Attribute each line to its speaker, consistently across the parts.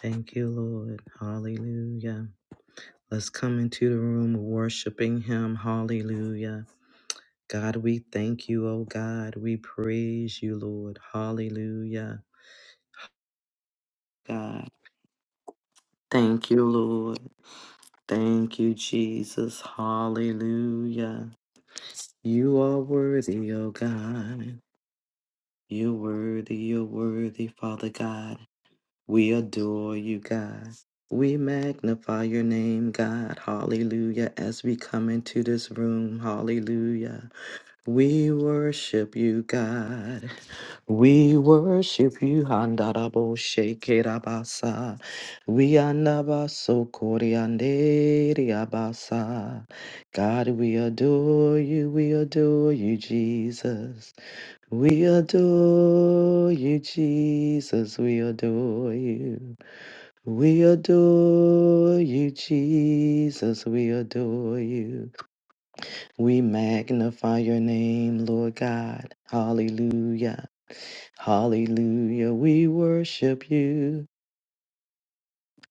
Speaker 1: Thank you, Lord. Hallelujah. Let's come into the room worshiping Him. Hallelujah. God, we thank you, oh God. We praise you, Lord. Hallelujah. God, thank you, Lord. Thank you, Jesus. Hallelujah. You are worthy, oh God. You're worthy, you're worthy, Father God. We adore you, God. We magnify your name, God. Hallelujah. As we come into this room, hallelujah. We worship you, God. We worship you, Handarabo Shekerabasa. We anabaso Abasa. God, we adore you. We adore you, Jesus. We adore you, Jesus. We adore you. We adore you, Jesus. We adore you. We magnify your name, Lord God. Hallelujah. Hallelujah. We worship you.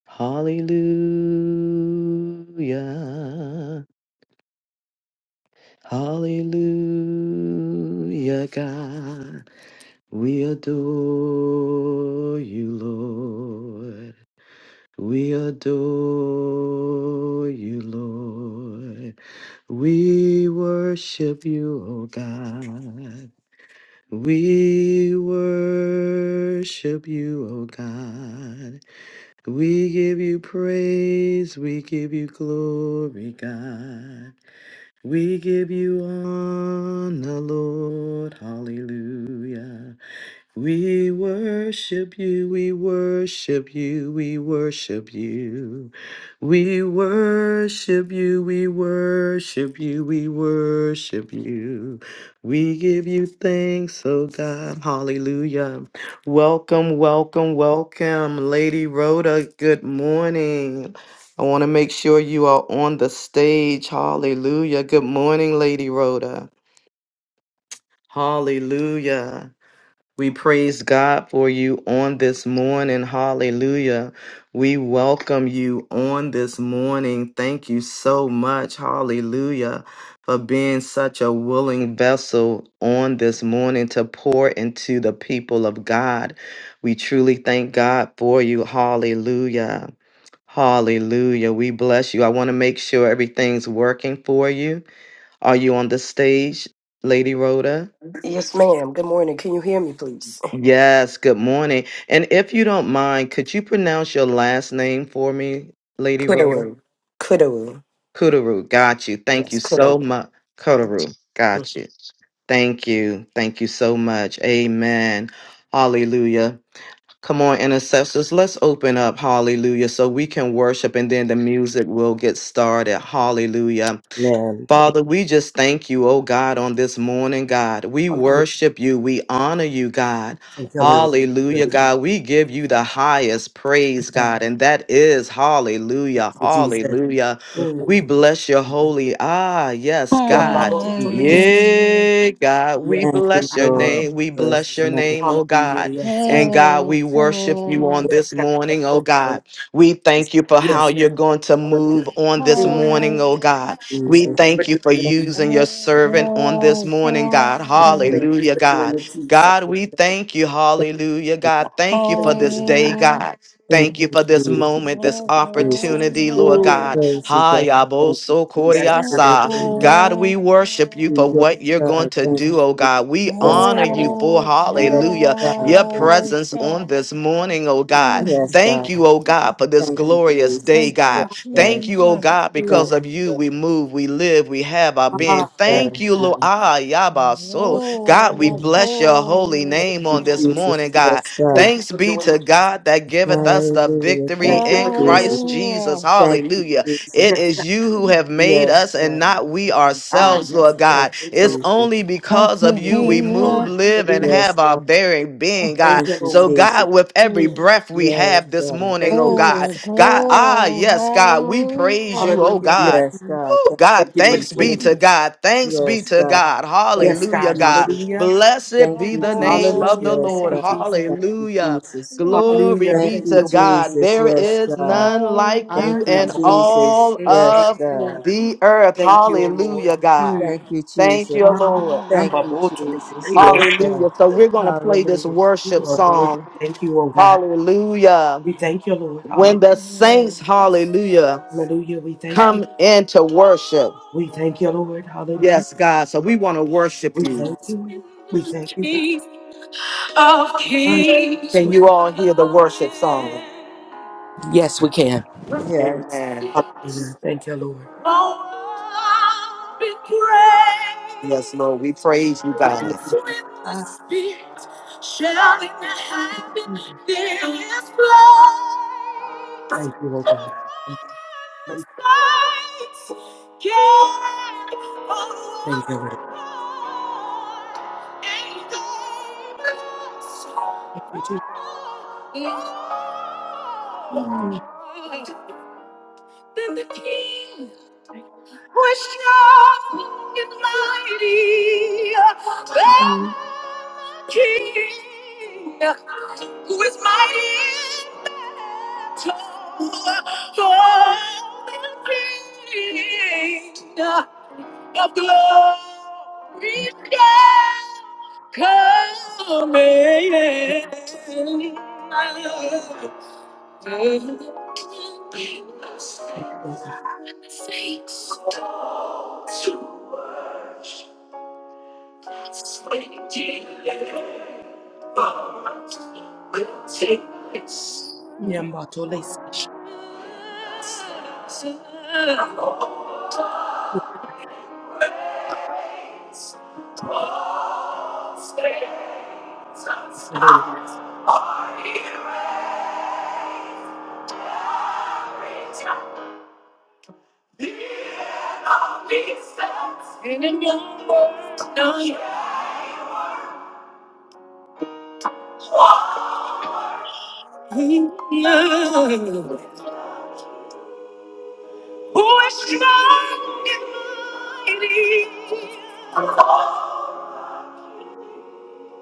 Speaker 1: Hallelujah. Hallelujah, God. We adore you, Lord. We adore you, Lord. We worship you, O God. We worship you, O God. We give you praise. We give you glory, God. We give you honor, Lord. Hallelujah. We worship you, we worship you, we worship you. We worship you, we worship you, we worship you. We give you thanks, oh God. Hallelujah. Welcome, welcome, welcome, Lady Rhoda. Good morning. I want to make sure you are on the stage. Hallelujah. Good morning, Lady Rhoda. Hallelujah. We praise God for you on this morning. Hallelujah. We welcome you on this morning. Thank you so much. Hallelujah. For being such a willing vessel on this morning to pour into the people of God. We truly thank God for you. Hallelujah. Hallelujah. We bless you. I want to make sure everything's working for you. Are you on the stage, Lady Rhoda?
Speaker 2: Yes, ma'am. Good morning. Can you hear me, please?
Speaker 1: Yes, good morning. And if you don't mind, could you pronounce your last name for me, Lady Rhoda?
Speaker 2: Kudu. Kudu.
Speaker 1: Kudaru, got you. Thank
Speaker 2: Yes,
Speaker 1: you so
Speaker 2: kudu.
Speaker 1: much. Kudaru, got you. Thank you. Thank you so much. Amen. Hallelujah. Come on, intercessors, let's open up. Hallelujah. So we can worship and then the music will get started. Hallelujah.
Speaker 3: Amen. Thank you.
Speaker 1: Father, we just thank you, oh God, on this morning, God. We
Speaker 3: Hallelujah.
Speaker 1: worship you. We honor you, God.
Speaker 3: Thank you,
Speaker 4: We
Speaker 3: Lord.
Speaker 1: Hallelujah,
Speaker 3: Hallelujah.
Speaker 1: God. We give you the highest praise,
Speaker 4: Thank
Speaker 1: God, and that is
Speaker 3: Thank
Speaker 1: hallelujah,
Speaker 3: you, Jesus.
Speaker 1: hallelujah.
Speaker 4: you, thank
Speaker 1: We
Speaker 3: Mm.
Speaker 1: bless your holy, ah, yes,
Speaker 3: Yamba
Speaker 1: God.
Speaker 3: bo to
Speaker 4: you, Jesus.
Speaker 3: listen.
Speaker 5: Thank
Speaker 1: Yeah, God,
Speaker 3: Yes.
Speaker 1: we
Speaker 4: Thank you,
Speaker 1: bless your
Speaker 3: Ah,
Speaker 4: Lord.
Speaker 1: name. We
Speaker 4: Bless
Speaker 1: bless
Speaker 4: your
Speaker 1: your
Speaker 4: name.
Speaker 1: name, oh
Speaker 3: Hallelujah.
Speaker 1: God.
Speaker 3: Yes, God.
Speaker 1: And
Speaker 4: Thank
Speaker 1: God, we worship you on
Speaker 4: you,
Speaker 3: Yes,
Speaker 1: this
Speaker 3: God. Thank
Speaker 1: morning, oh
Speaker 3: you, Lord.
Speaker 1: God. We
Speaker 4: Jesus.
Speaker 1: thank you for how
Speaker 3: Yes, God.
Speaker 1: you're going to move
Speaker 3: Hallelujah.
Speaker 1: on this
Speaker 3: Mm.
Speaker 1: morning, oh God. We
Speaker 4: Jesus.
Speaker 3: Thank you for
Speaker 1: thank you
Speaker 3: doing
Speaker 1: for
Speaker 3: it.
Speaker 4: Thank
Speaker 1: using your
Speaker 4: you, Jesus. Thank
Speaker 1: servant on this morning, God.
Speaker 4: you, thank
Speaker 3: Thank you
Speaker 1: Hallelujah,
Speaker 3: for doing
Speaker 1: God.
Speaker 3: it, Jesus.
Speaker 1: God, we thank you. Hallelujah, God. Thank you for
Speaker 3: Thank
Speaker 1: this
Speaker 3: you,
Speaker 1: day,
Speaker 3: God.
Speaker 1: God. Thank you
Speaker 4: you,
Speaker 1: for this
Speaker 4: Jesus.
Speaker 1: moment,
Speaker 4: Thank
Speaker 1: this
Speaker 4: you, Jesus.
Speaker 1: opportunity, Lord
Speaker 3: Mm.
Speaker 1: God.
Speaker 4: Praise you, God. Thank you,
Speaker 1: Hayaboso
Speaker 4: Jesus,
Speaker 3: Yes,
Speaker 4: for
Speaker 3: God.
Speaker 4: the
Speaker 1: Koriasa.
Speaker 3: Hallelujah.
Speaker 4: goodness of
Speaker 1: God, we worship you
Speaker 4: you
Speaker 1: for what you're going to
Speaker 3: Thank you.
Speaker 1: do, oh God. We
Speaker 3: Yes,
Speaker 4: Yes,
Speaker 1: honor
Speaker 3: God.
Speaker 1: you
Speaker 4: God.
Speaker 1: for, hallelujah, your
Speaker 4: Thank you,
Speaker 1: presence
Speaker 4: Jesus.
Speaker 1: on this morning, oh God.
Speaker 4: Yes, God. Yes,
Speaker 1: Thank you,
Speaker 4: God.
Speaker 1: oh God, for this
Speaker 4: Thank you,
Speaker 1: glorious day,
Speaker 4: Jesus.
Speaker 1: God.
Speaker 3: Ah,
Speaker 4: Yes, God.
Speaker 1: Thank you, oh God,
Speaker 3: mm.
Speaker 1: because
Speaker 4: Thank
Speaker 1: of
Speaker 4: you,
Speaker 1: you
Speaker 4: Jesus. Yes, God. Thank
Speaker 1: we move, we live, we have our
Speaker 4: you,
Speaker 1: being.
Speaker 3: Ah, yes,
Speaker 1: Thank
Speaker 4: God.
Speaker 1: you,
Speaker 4: Yes,
Speaker 3: God.
Speaker 1: Lord. Ah, Yaba. So, God,
Speaker 3: Yes,
Speaker 1: we
Speaker 4: God.
Speaker 3: God.
Speaker 1: bless your holy
Speaker 4: Thank
Speaker 1: name
Speaker 4: you,
Speaker 1: on this
Speaker 5: you.
Speaker 4: Jesus.
Speaker 1: morning, God.
Speaker 4: Yes, God.
Speaker 3: Thank you
Speaker 1: Thanks
Speaker 3: for
Speaker 1: be
Speaker 3: doing it,
Speaker 1: to
Speaker 3: Jesus.
Speaker 1: God that giveth us the
Speaker 4: Hallelujah.
Speaker 1: victory
Speaker 4: Thank
Speaker 3: Thank you
Speaker 4: you,
Speaker 1: in
Speaker 3: for doing
Speaker 4: Jesus.
Speaker 3: it,
Speaker 1: Christ
Speaker 3: Jesus.
Speaker 1: Jesus.
Speaker 5: Hallelujah.
Speaker 4: Thank you,
Speaker 1: Hallelujah.
Speaker 4: Jesus.
Speaker 1: It
Speaker 3: Yes, God.
Speaker 1: is you who have made
Speaker 4: Yes,
Speaker 1: us and
Speaker 4: God.
Speaker 1: not we
Speaker 4: Thank you,
Speaker 3: Ah,
Speaker 1: ourselves,
Speaker 4: Jesus.
Speaker 3: yes,
Speaker 1: Lord
Speaker 3: God.
Speaker 4: Thank
Speaker 1: God.
Speaker 4: you,
Speaker 3: Thank
Speaker 1: It's
Speaker 3: you, Lord.
Speaker 4: Jesus.
Speaker 1: only
Speaker 5: Thank
Speaker 1: because of
Speaker 5: you,
Speaker 1: you
Speaker 4: Oh,
Speaker 1: we
Speaker 3: Thank you,
Speaker 4: God.
Speaker 1: move,
Speaker 5: Jesus.
Speaker 3: Lord.
Speaker 1: live, and
Speaker 3: Hallelujah.
Speaker 4: Yes,
Speaker 1: have our
Speaker 4: God.
Speaker 1: very being, God.
Speaker 3: Thank
Speaker 4: Thank
Speaker 3: you,
Speaker 4: you,
Speaker 1: So,
Speaker 3: Lord.
Speaker 4: Jesus.
Speaker 1: God, with every
Speaker 3: Hmm.
Speaker 1: breath we
Speaker 4: Yes,
Speaker 1: have this
Speaker 4: God.
Speaker 1: morning,
Speaker 3: Thank
Speaker 1: oh
Speaker 3: you,
Speaker 1: God,
Speaker 5: Oh,
Speaker 3: Jesus.
Speaker 1: God, ah,
Speaker 5: glory.
Speaker 1: yes, God, we praise
Speaker 5: Hallelujah.
Speaker 1: you, oh
Speaker 3: Hallelujah. Yes,
Speaker 1: God.
Speaker 4: Yes,
Speaker 3: God.
Speaker 4: God.
Speaker 1: Oh
Speaker 4: Thank
Speaker 1: God,
Speaker 4: you,
Speaker 3: Thank you for
Speaker 1: thanks
Speaker 4: Jesus.
Speaker 3: doing
Speaker 1: be
Speaker 3: it,
Speaker 1: to
Speaker 3: Jesus.
Speaker 1: God. Thanks be
Speaker 4: Yes,
Speaker 1: to
Speaker 4: God.
Speaker 1: God.
Speaker 4: Thank
Speaker 3: Yes,
Speaker 1: Hallelujah,
Speaker 3: God.
Speaker 4: you,
Speaker 1: God.
Speaker 4: Jesus.
Speaker 3: Hallelujah.
Speaker 1: Blessed
Speaker 4: Thank
Speaker 1: be
Speaker 4: you,
Speaker 1: the name
Speaker 4: Jesus.
Speaker 1: of the
Speaker 3: Hallelujah.
Speaker 5: Oh,
Speaker 4: Yes,
Speaker 3: Thank
Speaker 1: Lord.
Speaker 3: you,
Speaker 4: God.
Speaker 3: Jesus.
Speaker 4: Thank you,
Speaker 1: Hallelujah.
Speaker 4: Jesus.
Speaker 5: glory.
Speaker 1: Glory
Speaker 3: Hallelujah.
Speaker 4: Thank
Speaker 1: be
Speaker 3: Thank
Speaker 4: you,
Speaker 1: to
Speaker 3: you, oh God.
Speaker 1: God.
Speaker 4: Jesus.
Speaker 1: There
Speaker 4: Yes,
Speaker 1: is
Speaker 4: God.
Speaker 1: none like
Speaker 4: Thank
Speaker 3: I
Speaker 1: you
Speaker 4: you,
Speaker 3: am
Speaker 1: in
Speaker 3: both of you.
Speaker 4: Jesus.
Speaker 1: all
Speaker 4: Yes,
Speaker 1: of
Speaker 4: God.
Speaker 1: the earth.
Speaker 3: Thank you, oh Lord.
Speaker 1: Hallelujah, God.
Speaker 3: Hmm.
Speaker 4: Thank you,
Speaker 1: Thank
Speaker 4: Jesus.
Speaker 1: you,
Speaker 3: Ah,
Speaker 1: Lord.
Speaker 5: Hallelujah.
Speaker 3: I'm
Speaker 4: Thank you,
Speaker 3: both of
Speaker 4: Jesus.
Speaker 3: you.
Speaker 4: Yes,
Speaker 3: Thank you.
Speaker 4: God.
Speaker 1: Hallelujah. So we're going to play this
Speaker 4: Hallelujah.
Speaker 3: You
Speaker 1: worship
Speaker 3: are worthy.
Speaker 1: song.
Speaker 3: Thank you, oh God.
Speaker 1: Hallelujah.
Speaker 3: We thank you, Lord.
Speaker 1: When
Speaker 5: Thank
Speaker 1: the
Speaker 5: you,
Speaker 1: saints, hallelujah
Speaker 3: Hallelujah. We thank you.
Speaker 1: come in to worship.
Speaker 3: We thank you, Lord. Hallelujah.
Speaker 1: Yes, God. So we want to worship
Speaker 3: We
Speaker 1: you.
Speaker 3: thank you. We thank you, God.
Speaker 1: Can
Speaker 3: Hallelujah.
Speaker 1: you all?
Speaker 3: Yes, we can.
Speaker 4: Yes.
Speaker 3: Hallelujah. Thank you, Lord.
Speaker 1: Lord, we praise you,
Speaker 3: For doing
Speaker 1: God.
Speaker 3: what you did. Hallelujah. Thank you, Lord God. Thank thank you, Lord. Thank you, Jesus. Mm, Thank you. Mm, Thank you, Thank you, Lord God. Yambatole Sish. Thank you, Lord.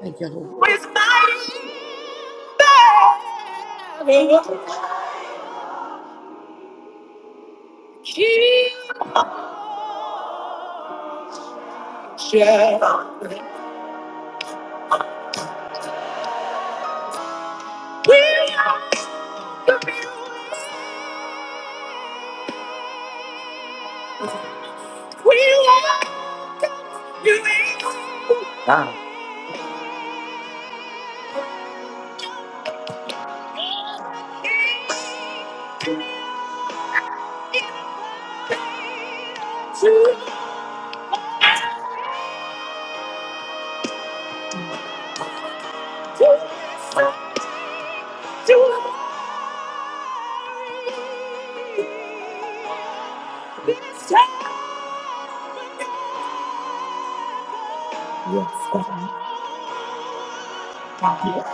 Speaker 3: Thank you, Lord.
Speaker 1: God,
Speaker 3: Yes, God. Yes,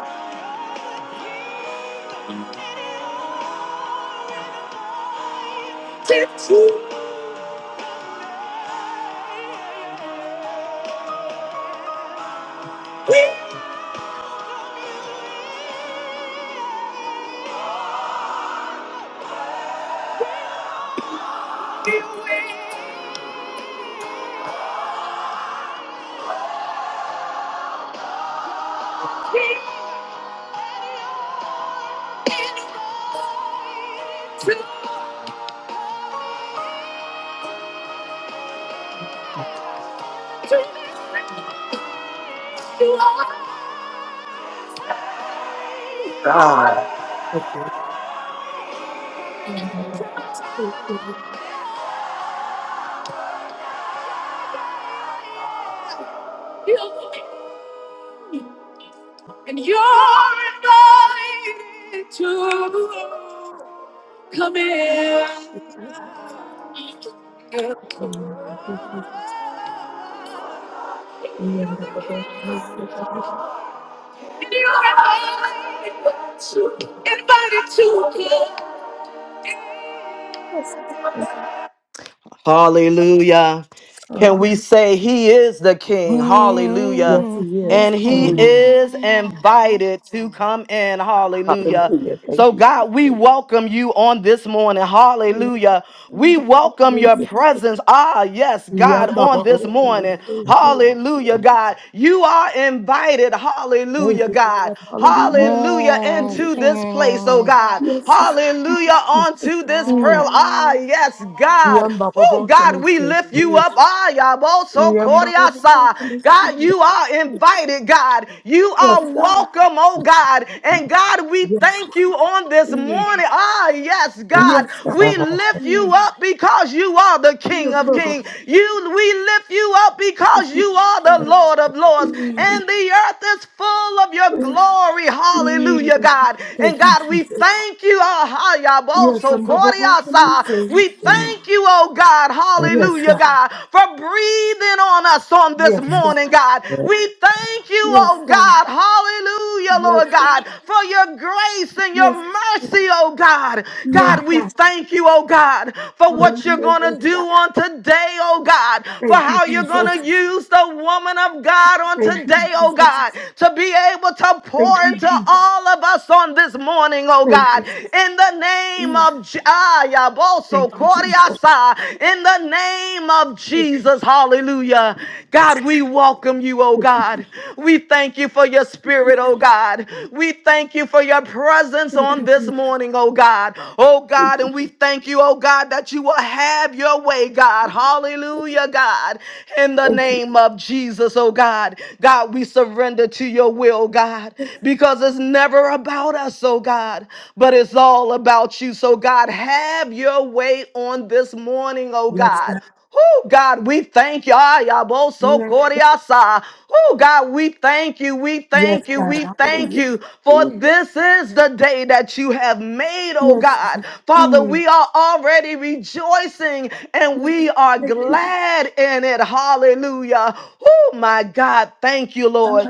Speaker 1: God.
Speaker 3: thank you. Yamababa, thank Thank you, Jesus. Yamababa, thank Yes, God. Thank
Speaker 1: Hallelujah.
Speaker 3: you,
Speaker 1: Can
Speaker 3: Hallelujah.
Speaker 1: we say he is the
Speaker 5: Lord.
Speaker 1: king? Hallelujah.
Speaker 3: Yes,
Speaker 5: Hmm,
Speaker 3: he is.
Speaker 1: And he
Speaker 6: Yes,
Speaker 3: Hallelujah.
Speaker 5: Okay.
Speaker 1: is invited to come in. Hallelujah.
Speaker 3: Hallelujah. Thank
Speaker 1: So,
Speaker 3: you,
Speaker 1: God, we
Speaker 3: Jesus.
Speaker 1: welcome you on this morning. Hallelujah.
Speaker 3: Thank
Speaker 1: We welcome your
Speaker 3: you,
Speaker 1: presence. Ah, yes, God, on this morning. Hallelujah, God. You are invited. Hallelujah, God.
Speaker 3: God. Hallelujah.
Speaker 1: Hallelujah,
Speaker 5: Glory
Speaker 1: into
Speaker 5: to
Speaker 3: Yes,
Speaker 1: this
Speaker 5: your
Speaker 1: place, oh
Speaker 5: name.
Speaker 1: God.
Speaker 3: God.
Speaker 1: Hallelujah, onto this prayer.
Speaker 3: Mm.
Speaker 1: Ah, yes,
Speaker 5: Hallelujah.
Speaker 1: God. God.
Speaker 3: Yum, ba, ba,
Speaker 1: Oh,
Speaker 3: ba, to
Speaker 1: God, we
Speaker 3: listen.
Speaker 1: lift you
Speaker 3: Mm.
Speaker 1: up. Ah, yabo, so
Speaker 3: Yum, ba, ba, ba, ba,
Speaker 1: koriasa.
Speaker 3: to
Speaker 1: God,
Speaker 3: listen.
Speaker 1: you are invited, God. You
Speaker 3: Yes,
Speaker 1: are
Speaker 3: God.
Speaker 1: welcome, oh God. And God, we
Speaker 3: Yes, God.
Speaker 1: thank you on this
Speaker 3: Mm.
Speaker 1: morning. Ah, yes, God.
Speaker 3: Yes, God.
Speaker 1: We
Speaker 6: Rabasa.
Speaker 1: lift you
Speaker 3: Mm.
Speaker 1: up because you are the King
Speaker 3: Yum,
Speaker 1: of
Speaker 3: ba, ba, ba,
Speaker 1: Kings.
Speaker 3: to
Speaker 1: You we lift you up because you
Speaker 3: listen.
Speaker 1: are the Lord of Lords.
Speaker 3: Mm.
Speaker 1: And the earth is full of your
Speaker 3: Mm.
Speaker 1: glory. Hallelujah,
Speaker 3: Mm.
Speaker 1: God.
Speaker 3: Thank
Speaker 1: And
Speaker 3: you,
Speaker 1: God, we
Speaker 3: Jesus.
Speaker 1: thank you. Ah, yabo,
Speaker 3: Yes, I'm
Speaker 1: so
Speaker 3: ba, ba, ba, to listen.
Speaker 1: we
Speaker 3: Mm.
Speaker 1: thank you, oh God,
Speaker 6: Woo!
Speaker 3: Yes,
Speaker 1: hallelujah,
Speaker 3: God.
Speaker 1: God, for breathing on us on this
Speaker 3: Yes, God.
Speaker 1: morning, God. We thank you,
Speaker 3: Yes,
Speaker 1: oh
Speaker 3: God.
Speaker 1: God, hallelujah,
Speaker 3: Yes,
Speaker 1: Lord
Speaker 3: God.
Speaker 1: God, for your grace and your
Speaker 3: Yes, yes,
Speaker 1: mercy, oh God.
Speaker 3: yes,
Speaker 1: God, we
Speaker 3: God.
Speaker 1: thank you, oh God, for what you're
Speaker 3: Hallelujah,
Speaker 1: going
Speaker 3: yes,
Speaker 1: to do
Speaker 3: God.
Speaker 1: on today, oh God, for
Speaker 3: Thank you,
Speaker 1: how you're
Speaker 3: Jesus.
Speaker 1: going to use the woman of God on
Speaker 3: Thank you,
Speaker 1: today, oh
Speaker 3: Jesus.
Speaker 1: God, to be able to pour
Speaker 3: Thank you,
Speaker 1: into
Speaker 3: Jesus.
Speaker 1: all of us on this morning, oh God.
Speaker 3: Thank
Speaker 1: God.
Speaker 3: you,
Speaker 1: In the name
Speaker 3: Jesus.
Speaker 1: of Je- ah, ya
Speaker 3: Thank you, Jesus.
Speaker 1: koriasa. in the name of
Speaker 3: Thank you,
Speaker 1: Jesus, hallelujah. God, we welcome you, oh
Speaker 3: thank you,
Speaker 1: God. We thank you for your spirit, oh God. We thank you for your presence
Speaker 3: thank you,
Speaker 1: on this morning, oh God. Oh God,
Speaker 3: thank you,
Speaker 1: and we thank you, oh God, that you will have your way, God. Hallelujah, God. In the
Speaker 3: thank
Speaker 1: name of Jesus, oh God. God, we surrender to your will, God, because it's was never about us, oh God, but it's all about you. So, God, have your way on this morning, oh
Speaker 3: you.
Speaker 1: Yes,
Speaker 3: Yes,
Speaker 1: God.
Speaker 3: God.
Speaker 1: Oh God, we thank you. Ah, yabo so
Speaker 3: Yes,
Speaker 1: koriasa. Oh God, we thank you. We
Speaker 3: yes,
Speaker 1: thank you. yes, We
Speaker 3: God.
Speaker 1: thank
Speaker 3: Hallelujah.
Speaker 1: you. For
Speaker 3: Mm,
Speaker 1: this is the day that you have made, oh Yes,
Speaker 3: Yes,
Speaker 1: God.
Speaker 3: God.
Speaker 1: Father,
Speaker 3: Mm,
Speaker 1: we are already rejoicing and
Speaker 3: Yes,
Speaker 1: we are
Speaker 3: thank you,
Speaker 1: glad in it. Hallelujah. Oh my God, thank you,
Speaker 3: God.
Speaker 1: Lord.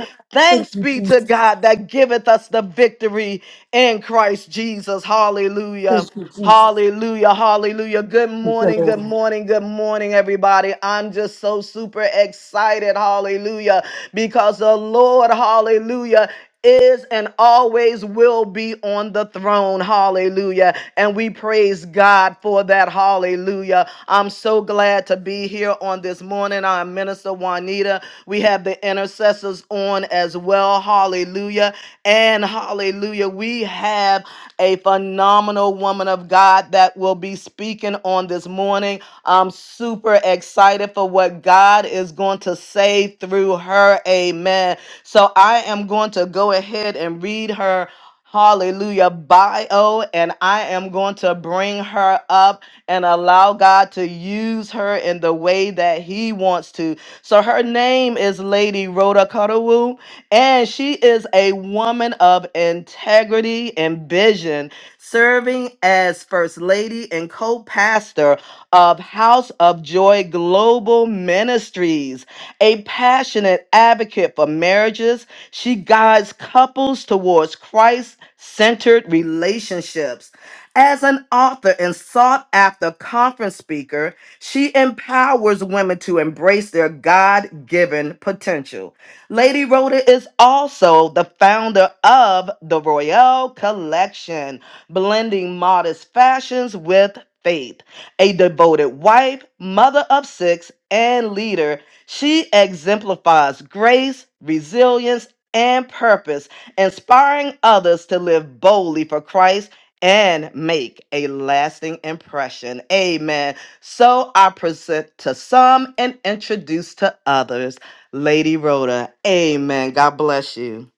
Speaker 3: Thank
Speaker 1: Thanks
Speaker 3: you,
Speaker 1: be to
Speaker 3: Jesus.
Speaker 1: God that giveth us the victory in Christ Jesus. Hallelujah.
Speaker 3: Thank you, Jesus.
Speaker 1: Hallelujah. Hallelujah. Good
Speaker 3: Thank you,
Speaker 1: morning. Good
Speaker 3: Lord.
Speaker 1: morning. Good morning, everybody. I'm just so super excited. Hallelujah. Because the Lord, hallelujah, is and always will be on the throne. Hallelujah. And we praise God for that. Hallelujah. I'm so glad to be here on this morning. I'm Minister Juanita. We have the intercessors on as well. Hallelujah. And hallelujah. We have a phenomenal woman of God that will be speaking on this morning. I'm super excited for what God is going to say through her. Amen. So I am going to go ahead and read her. Hallelujah bio, and I am going to bring her up and allow God to use her in the way that He wants to. So her name is Lady Rhoda Cudawu, and she is a woman of integrity and vision, serving as First Lady and co pastor of House of Joy Global Ministries, a passionate advocate for marriages. She guides couples towards Christ centered relationships. As an author and sought after conference speaker, she empowers women to embrace their God given potential. Lady Rhoda is also the founder of the Royale Collection, blending modest fashions with faith. A devoted wife, mother of six, and leader, she exemplifies grace, resilience, and purpose, inspiring others to live boldly for Christ and make a lasting impression. Amen. So I present to some and introduce to others. Lady Rhoda, amen. God bless you.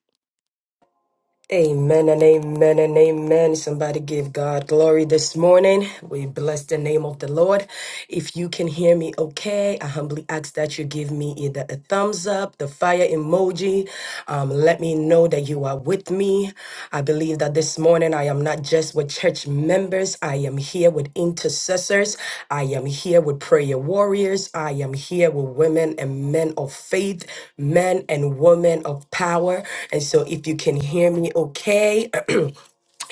Speaker 2: Amen and amen and amen. Somebody give God glory this morning. We bless the name of the Lord. If you can hear me okay, I humbly ask that you give me either a thumbs up, the fire emoji, Um, let me know that you are with me. I believe that this morning I am not just with church members, I am here with intercessors, I am here with prayer warriors, I am here with women and men of faith, men and women of power. And so if you can hear me, okay.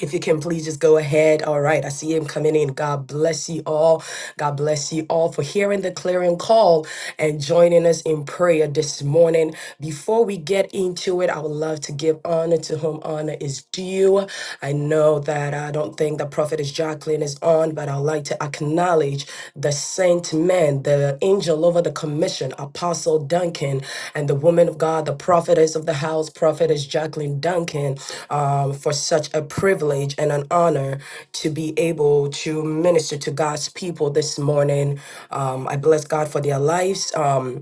Speaker 2: If you can please just go ahead. All right. I see him coming in. God bless you all. God bless you all for hearing the clearing call and joining us in prayer this morning. Before we get into it, I would love to give honor to whom honor is due. I know that I don't think the prophetess Jacqueline is on, but I'd like to acknowledge acknowledge the saint men, the angel over the commission, Apostle Duncan, and the woman of God, the prophetess of the house, prophetess Jacqueline Duncan, um, for such a privilege and an honor to be able to minister to God's people this morning. Um, I bless God for their lives. Um,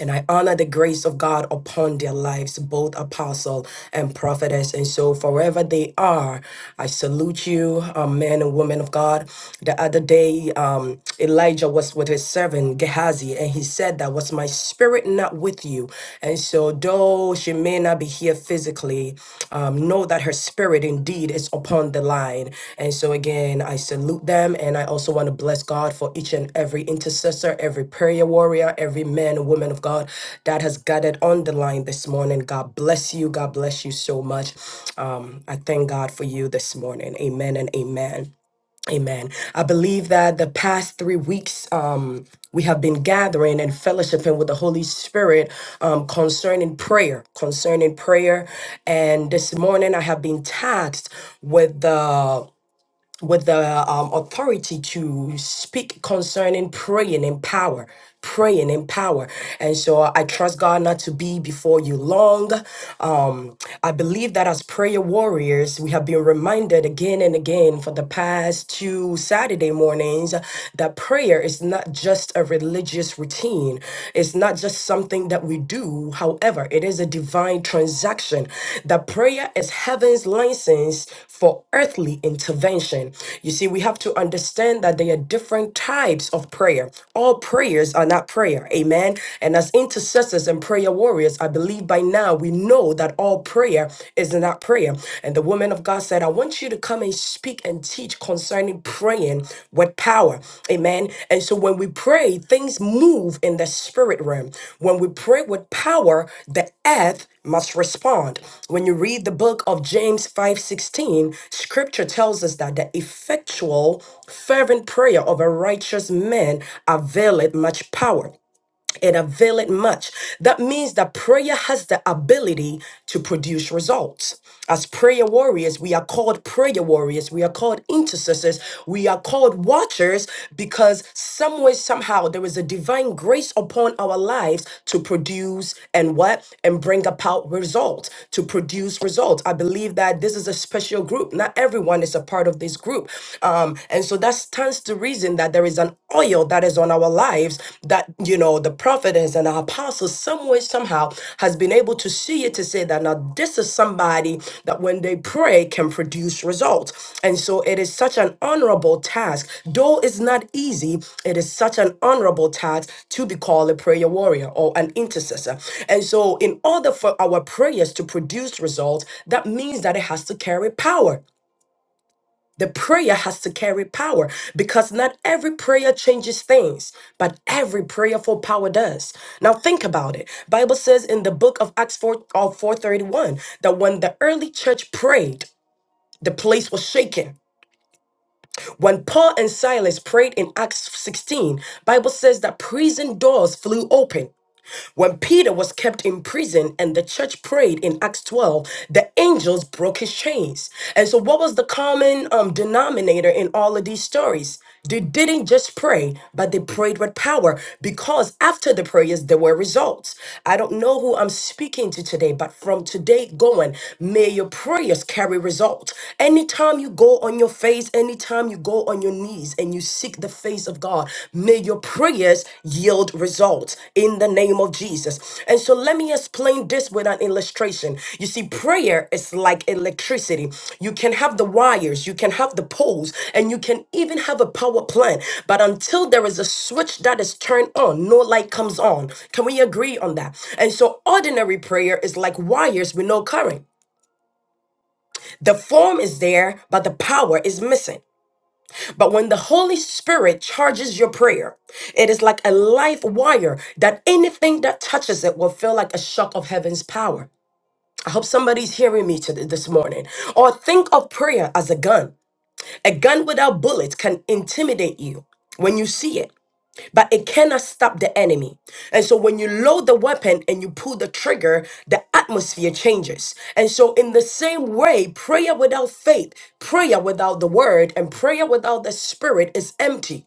Speaker 2: and I honor the grace of God upon their lives, both apostle and prophetess. And so, forever they are, I salute you, uh, men and women of God. The other day, um, Elijah was with his servant Gehazi, and he said that was my spirit not with you. And so, though she may not be here physically, we um, know that her spirit indeed is upon the line. And so, again, I salute them. And I also want to bless God for each and every intercessor, every prayer warrior, every man and woman of God that has gathered on the line this morning. God bless you. God bless you so much. Um, I thank God for you this morning. Amen and amen. Amen. I believe that the past three weeks, um, we have been gathering and fellowshipping with the Holy Spirit um, concerning prayer, concerning prayer. And this morning, I have been tasked with the with the um, authority to speak concerning praying in power praying in power and so i trust god not to be before you long um i believe that as prayer warriors we have been reminded again and again for the past two saturday mornings that prayer is not just a religious routine it's not just something that we do. However, it is a divine transaction. The prayer is heaven's license for earthly intervention. You see, we have to understand that there are different types of prayer. All prayers are not prayer. Amen. And as intercessors and prayer warriors, I believe by now we know that all prayer is not prayer. And the woman of God said, I want you you to come and speak and teach concerning praying with power. Amen. And so when we pray, things move in the spirit realm. When we pray with power, the earth must respond. When you read the book of James 5:16, scripture tells us that the effectual fervent prayer of a righteous man availeth much power it availeth much. That means that prayer has the ability to produce results. As prayer warriors, we are called prayer warriors. We are called intercessors. We are called watchers because some way, somehow, there is a divine grace upon our lives to produce and what? And bring about results, to produce results. I believe that this is a special group. Not everyone is a part of this group. Um, and so that stands to reason reason that there is an oil that is on our lives that, you know, the prophetess and the apostles, some way, somehow, has been able to see it to say that now this is somebody that when they pray can produce results. And so it is such an honorable task. Though it's not easy, it is such an honorable task to be called a prayer warrior or an intercessor. And so, in order for our prayers to produce results, that means that it has to carry power. The prayer has to carry power because not every prayer changes things, but every prayerful power does. Now think about it. Bible says in the book of Acts 4 of 431 that when the early church prayed, the place was shaken. When Paul and Silas prayed in Acts 16, Bible says that prison doors flew open. When Peter was kept in prison and the church prayed in Acts 12, the angels broke his chains. And so, what was the common um, denominator in all of these stories? They didn't just pray, but they prayed with power because after the prayers, there were results. I don't know who I'm speaking to today, but from today going, may your prayers carry results. Anytime you go on your face, anytime you go on your knees, and you seek the face of God, may your prayers yield results in the name of Jesus. And so let me explain this with an illustration. You see, prayer is like electricity. You can have the wires, you can have the poles, and you can even have a power plant. But until there is a switch that is turned on, no light comes on. Can we agree on that? And so ordinary prayer is like wires with no current. The form is there, but the power is missing. But when the Holy Spirit charges your prayer, it is like a life wire that anything that touches it will feel like a shock of heaven's power. I hope somebody's hearing me today this morning. Or think of prayer as a gun. A gun without bullets can intimidate you when you see it but it cannot stop the enemy. And so when you load the weapon and you pull the trigger, the atmosphere changes. And so in the same way, prayer without faith, prayer without the word, and prayer without the spirit is empty.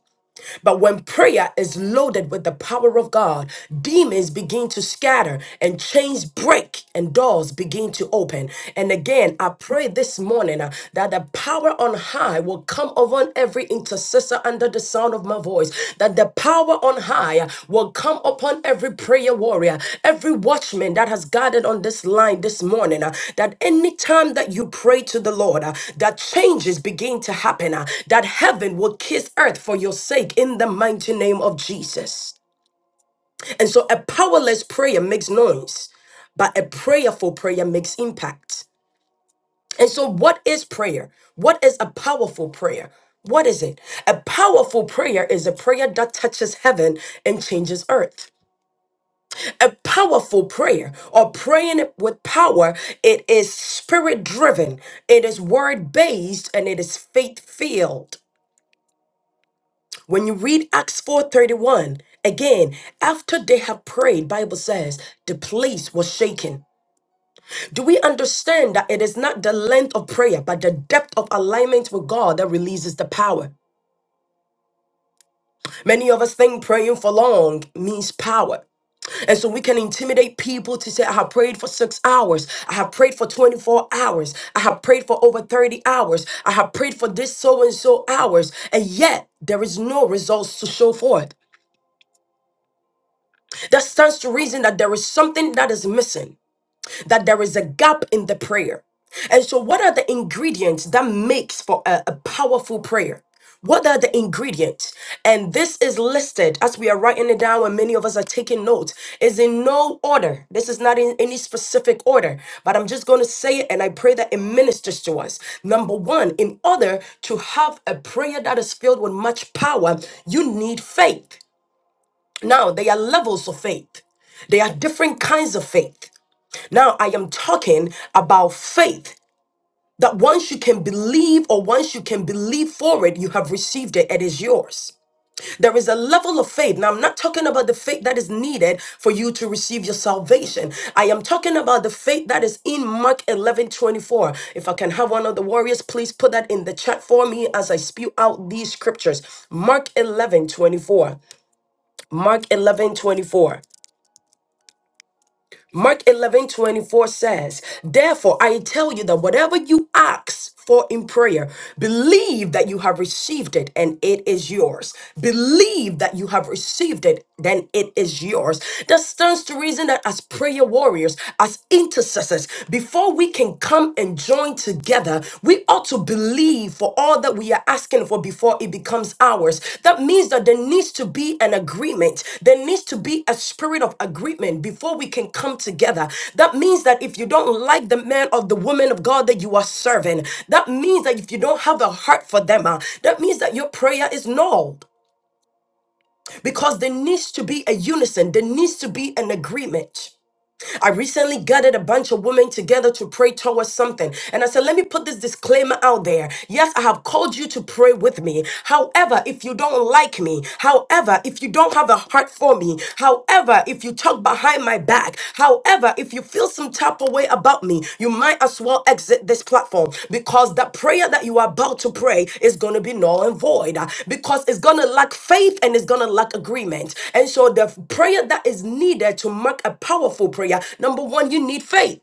Speaker 2: But when prayer is loaded with the power of God, demons begin to scatter and chains break and doors begin to open. And again, I pray this morning uh, that the power on high will come upon every intercessor under the sound of my voice, that the power power on high will come upon every prayer warrior, every watchman that has gathered on this line this morning. uh, That any time that you pray to the Lord, uh, that changes begin to happen, uh, that heaven will kiss earth for your sake in the mighty name of Jesus. And so a powerless prayer makes noise, but a prayerful prayer makes impact. And so, what is prayer? What is a powerful prayer? What is it? A powerful prayer is a prayer that touches heaven and changes earth. A powerful prayer or praying with power, it is spirit driven, it is word based, and it is faith filled. When you read Acts 4:31, again, after they have prayed, Bible says the place was shaken. Do we understand that it is not the length of prayer, but the depth of alignment with God that releases the power? Many of us think praying for long means power. And so we can intimidate people to say, I have prayed for six hours. I have prayed for 24 hours. I have prayed for over 30 hours. I have prayed for this so and so hours. And yet there is no results to show forth. That stands to reason that there is something that is missing. that there is a gap in the prayer. And so, what are the ingredients that makes for a, a powerful prayer? What are the ingredients? And this is listed as we are writing it down, and many of us are taking notes. Is in no order. This is not in any specific order, but I'm just going to say it, and I pray that it ministers to us. Number one, in order to have a prayer that is filled with much power, you need faith. Now, there are levels of faith. There are different kinds of faith. Now I am talking about faith that once you can believe or once you can believe for it, you have received it, it is yours. There is a level of faith. Now, I'm not talking about the faith that is needed for you to receive your salvation. I am talking about the faith that is in Mark 11:24. If I can have one of the warriors, please put that in the chat for me as I spew out these scriptures. Mark 11:24. Mark 11:24. Mark eleven twenty four says, Therefore, I tell you that whatever you ask for in prayer, believe that you have received it and it is yours. Believe that you have received it, then it is yours. That stands to reason that as prayer warriors, as intercessors, before we can come and join together, we ought to believe for all that we are asking for before it becomes ours. That means that there needs to be an agreement. There needs to be a spirit of agreement before we can come together. That means that if you don't like the man or the woman of God that you are serving, that means that if you don't have a heart for them, uh, that means that your prayer is null because there needs to be a unison, there needs to be an agreement. I recently gathered a bunch of women together to pray towards something. And I said, let me put this disclaimer out there. Yes, I have called you to pray with me. However, if you don't like me, however, if you don't have a heart for me, however, if you talk behind my back, however, if you feel feel some type of way about me, you might as well exit this platform because the prayer that you are about to pray is going to be null and void uh, because it's going to lack faith and it's going to lack agreement. And so the f- prayer that is needed to make a powerful prayer, number one, you need faith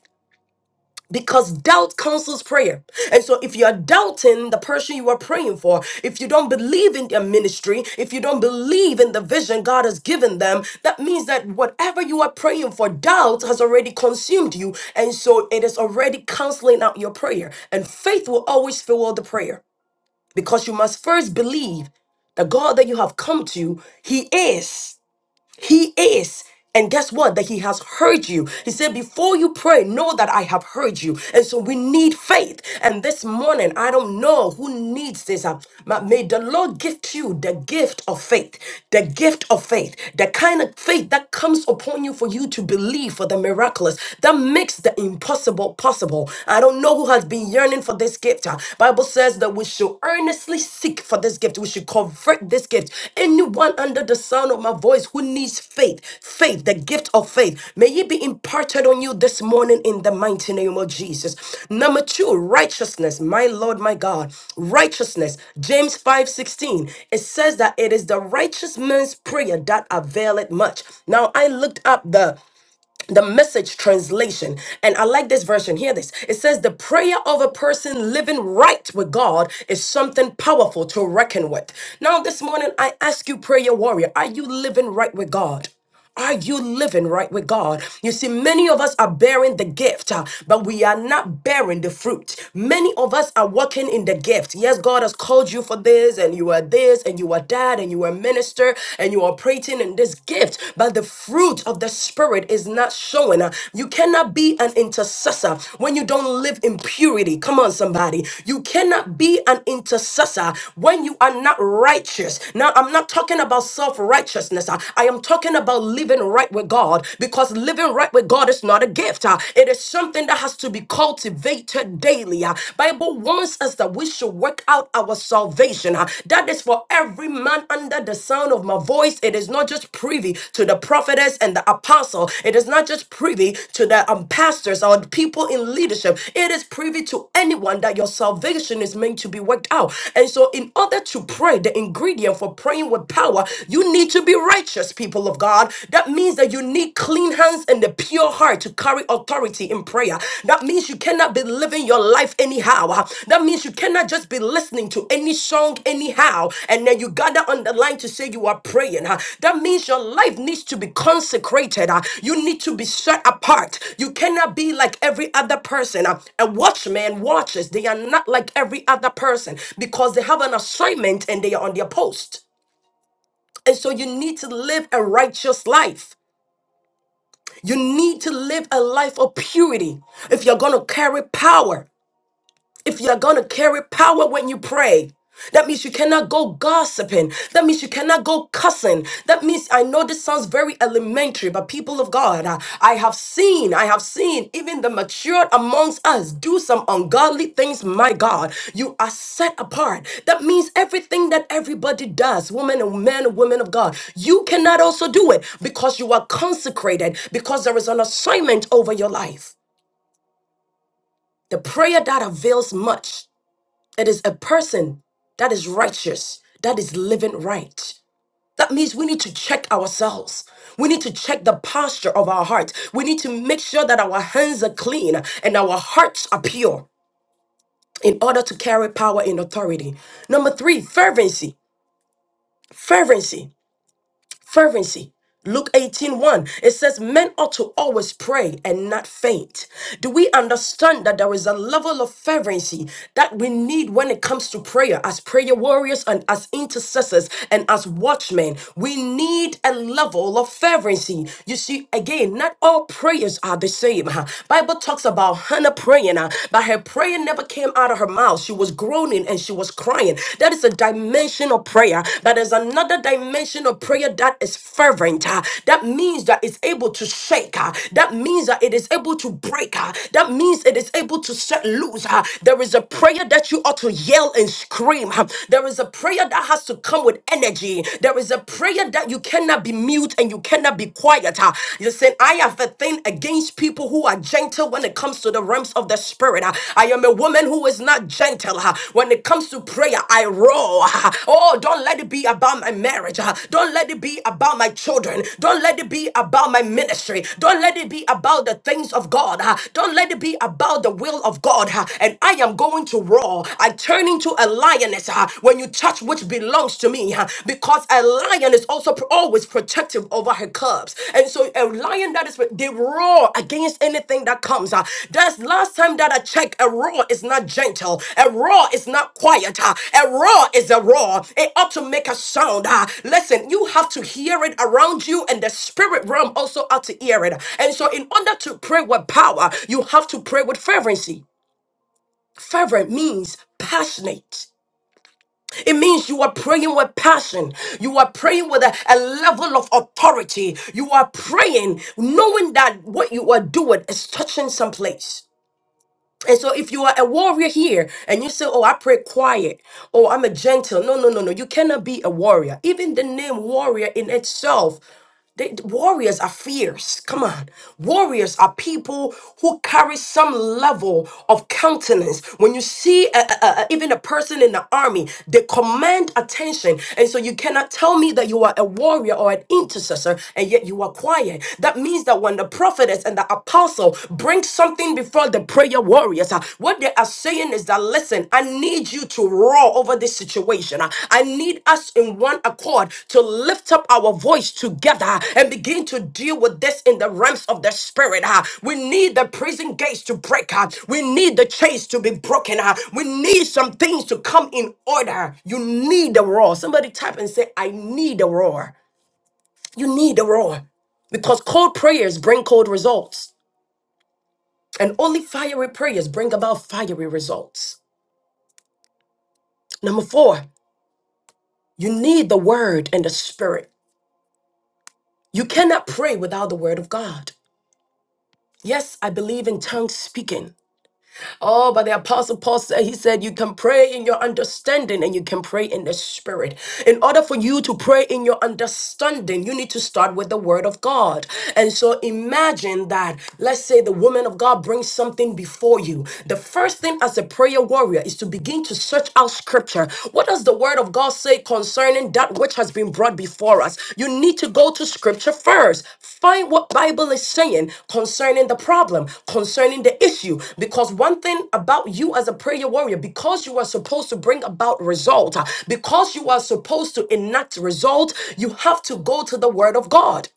Speaker 2: because doubt counsels prayer. And so if you're doubting the person you are praying for, if you don't believe in their ministry, if you don't believe in the vision God has given them, that means that whatever you are praying for, doubt has already consumed you. And so it is already canceling out your prayer. And faith will always fuel the prayer because you must first believe the God that you have come to, He is. He is. And guess what? That he has heard you. He said, Before you pray, know that I have heard you. And so we need faith. And this morning, I don't know who needs this. Uh, but May the Lord gift you the gift of faith, the gift of faith, the kind of faith that comes upon you for you to believe for the miraculous, that makes the impossible possible. I don't know who has been yearning for this gift. Uh, Bible Bible says that we should earnestly seek for this gift. We should convert this gift. Anyone under the sound of my voice who needs faith, faith, the gift of faith, may it be imparted on you this morning in the mighty name of Jesus. Number two, righteousness. My Lord, my God, righteousness. James five sixteen. it says that it is the righteous man's prayer that availeth much. Now, I looked up the the message translation and i like this version hear this it says the prayer of a person living right with god is something powerful to reckon with now this morning i ask you prayer warrior are you living right with god are you living right with God? You see, many of us are bearing the gift, uh, but we are not bearing the fruit. Many of us are walking in the gift. Yes, God has called you for this, and you are this, and you are that, and you and you were a minister and you are operating in this gift, but the fruit of the spirit is not showing. Uh, You cannot be an intercessor when you don't live in purity. Come on, somebody. You cannot be an intercessor when you are not righteous. Now, I'm not talking about self righteousness. I am talking about living right with God because living right with God is not a gift. Uh, It is something that has to be cultivated daily. Uh, Bible warns us that we should work out our salvation. huh? That is for every man under the sound of my voice. It is not just privy to the prophetess and the apostle. It is not just privy to the um, pastors or the people in leadership. It is privy to anyone that your salvation is meant to be worked out. And so, in order to pray, the ingredient for praying with power, you need to be righteous, people of God. That means that you need clean hands and the pure heart to carry authority in prayer. That means you cannot be living your life anyhow. Uh, That means you cannot just be listening to any song anyhow and then you gather on the line to say you are praying. Uh, That means your life needs to be consecrated. Uh, You need to be set apart. You cannot be like every other person. Uh, A watchman watches. They are not like every other person because they have an assignment and they are on their post. And so you need to live a righteous life. You need to live a life of purity if you're going to carry power. If you're going to carry power when you pray, that means you cannot go gossiping. That means you cannot go cussing. That means I know this sounds very elementary, but people of God, I, I have seen, I have seen even the matured amongst us do some ungodly things. My God, you are set apart. That means everything that everybody does, women and men and women of God, you cannot also do it because you are consecrated, because there is an assignment over your life. The prayer that avails much. It is a person that is righteous, that is living right. That means we need to check ourselves. We need to check the posture of our heart. We need to make sure that our hands are clean and our hearts are pure in order to carry power and authority. Number three, fervency. Fervency. Fervency. Luke eighteen one. it says, Men ought to always pray and not faint. Do we understand that there is a level of fervency that we need when it comes to prayer as prayer warriors and as intercessors and as watchmen? We need a level of fervency. You see, again, not all prayers are the same. huh? Bible talks about Hannah praying, huh, but her prayer never came out of her mouth. She was was groaning and she was crying. That is a dimension of prayer. But there's another dimension of prayer that is fervent. ah. That means that it's able to shake. ah. That means that it is able to break. ah. That means it is able to set loose. ah. There is a prayer that you ought to yell and scream. ah. There is a prayer that has to come with energy. There is a prayer that you cannot be mute and you cannot be quiet. ah. Listen, I have a thing nothing against people who are gentle when it comes to the realms of the spirit. Uh, I am a woman who is not gentle. Uh, When it comes to prayer, I roar. Uh, Oh, don't let it be about my marriage. Uh, Don't let it be about my children. Don't let it be about my ministry. Don't let it be about the things of God. Uh, Don't let it be about the will of God. Uh, And I am going to roar. I turn into a lioness uh, when you touch which belongs to me. Yeah, because a lion is also pr- always protective over her cubs. And so a lion that is, they roar against anything that comes. Uh, that's last time that I checked, a roar is not gentle. A roar is not quiet. Uh, a roar is a roar. It ought to make a sound. Uh, listen, you have to hear it around you and the spirit realm also ought to hear it. And so in order to pray with power, you have to pray with fervency. Fervent means passionate. It means you are praying with passion. You are praying with a, a level of authority. You are praying knowing that what you are doing is touching someplace. And so if you are a warrior here and you say, Oh, I pray quiet, oh, I'm a gentle. No, no, no, no. You cannot be a warrior. Even the name warrior in itself. They, the warriors are fierce. Come on. Warriors are people who carry some level of countenance. When you see a, a- a- even a person in the army, they command attention. And so you cannot tell me that you are a warrior or an intercessor and yet you are quiet. That means that when the the prophetess and the apostle bring something before the prayer warriors. uh, What they are saying is that, listen, I need you to roar over this situation. Uh, I need us in one accord to lift up our voice together uh, and begin to deal with this in the realms of the spirit. uh. We need the prison gates to break. uh. We need the chains to be broken. uh. We need some things to come in order. You need a roar. Somebody type and say, I need a roar. You need a roar because cold prayers bring cold results, and only fiery prayers bring about fiery results. Number four, you need the word and the spirit. You cannot pray without the word of God. Yes, I believe in tongue speaking, Oh, but the Apostle Paul said, he said, you can pray in your understanding and you can pray in the spirit. In order for you to pray in your understanding, you need to start with the word of God. And so imagine that, let's say the woman of God brings something before you. The first thing as a prayer warrior is to begin to search out scripture. What does the word of of God say concerning that which has been brought before us? You need to go to scripture first. Find what Bible is saying concerning the problem, concerning the issue. Because one thing about you as a prayer warrior, because you are supposed to bring about result, uh, because you are supposed to enact result, you have to go to the word of God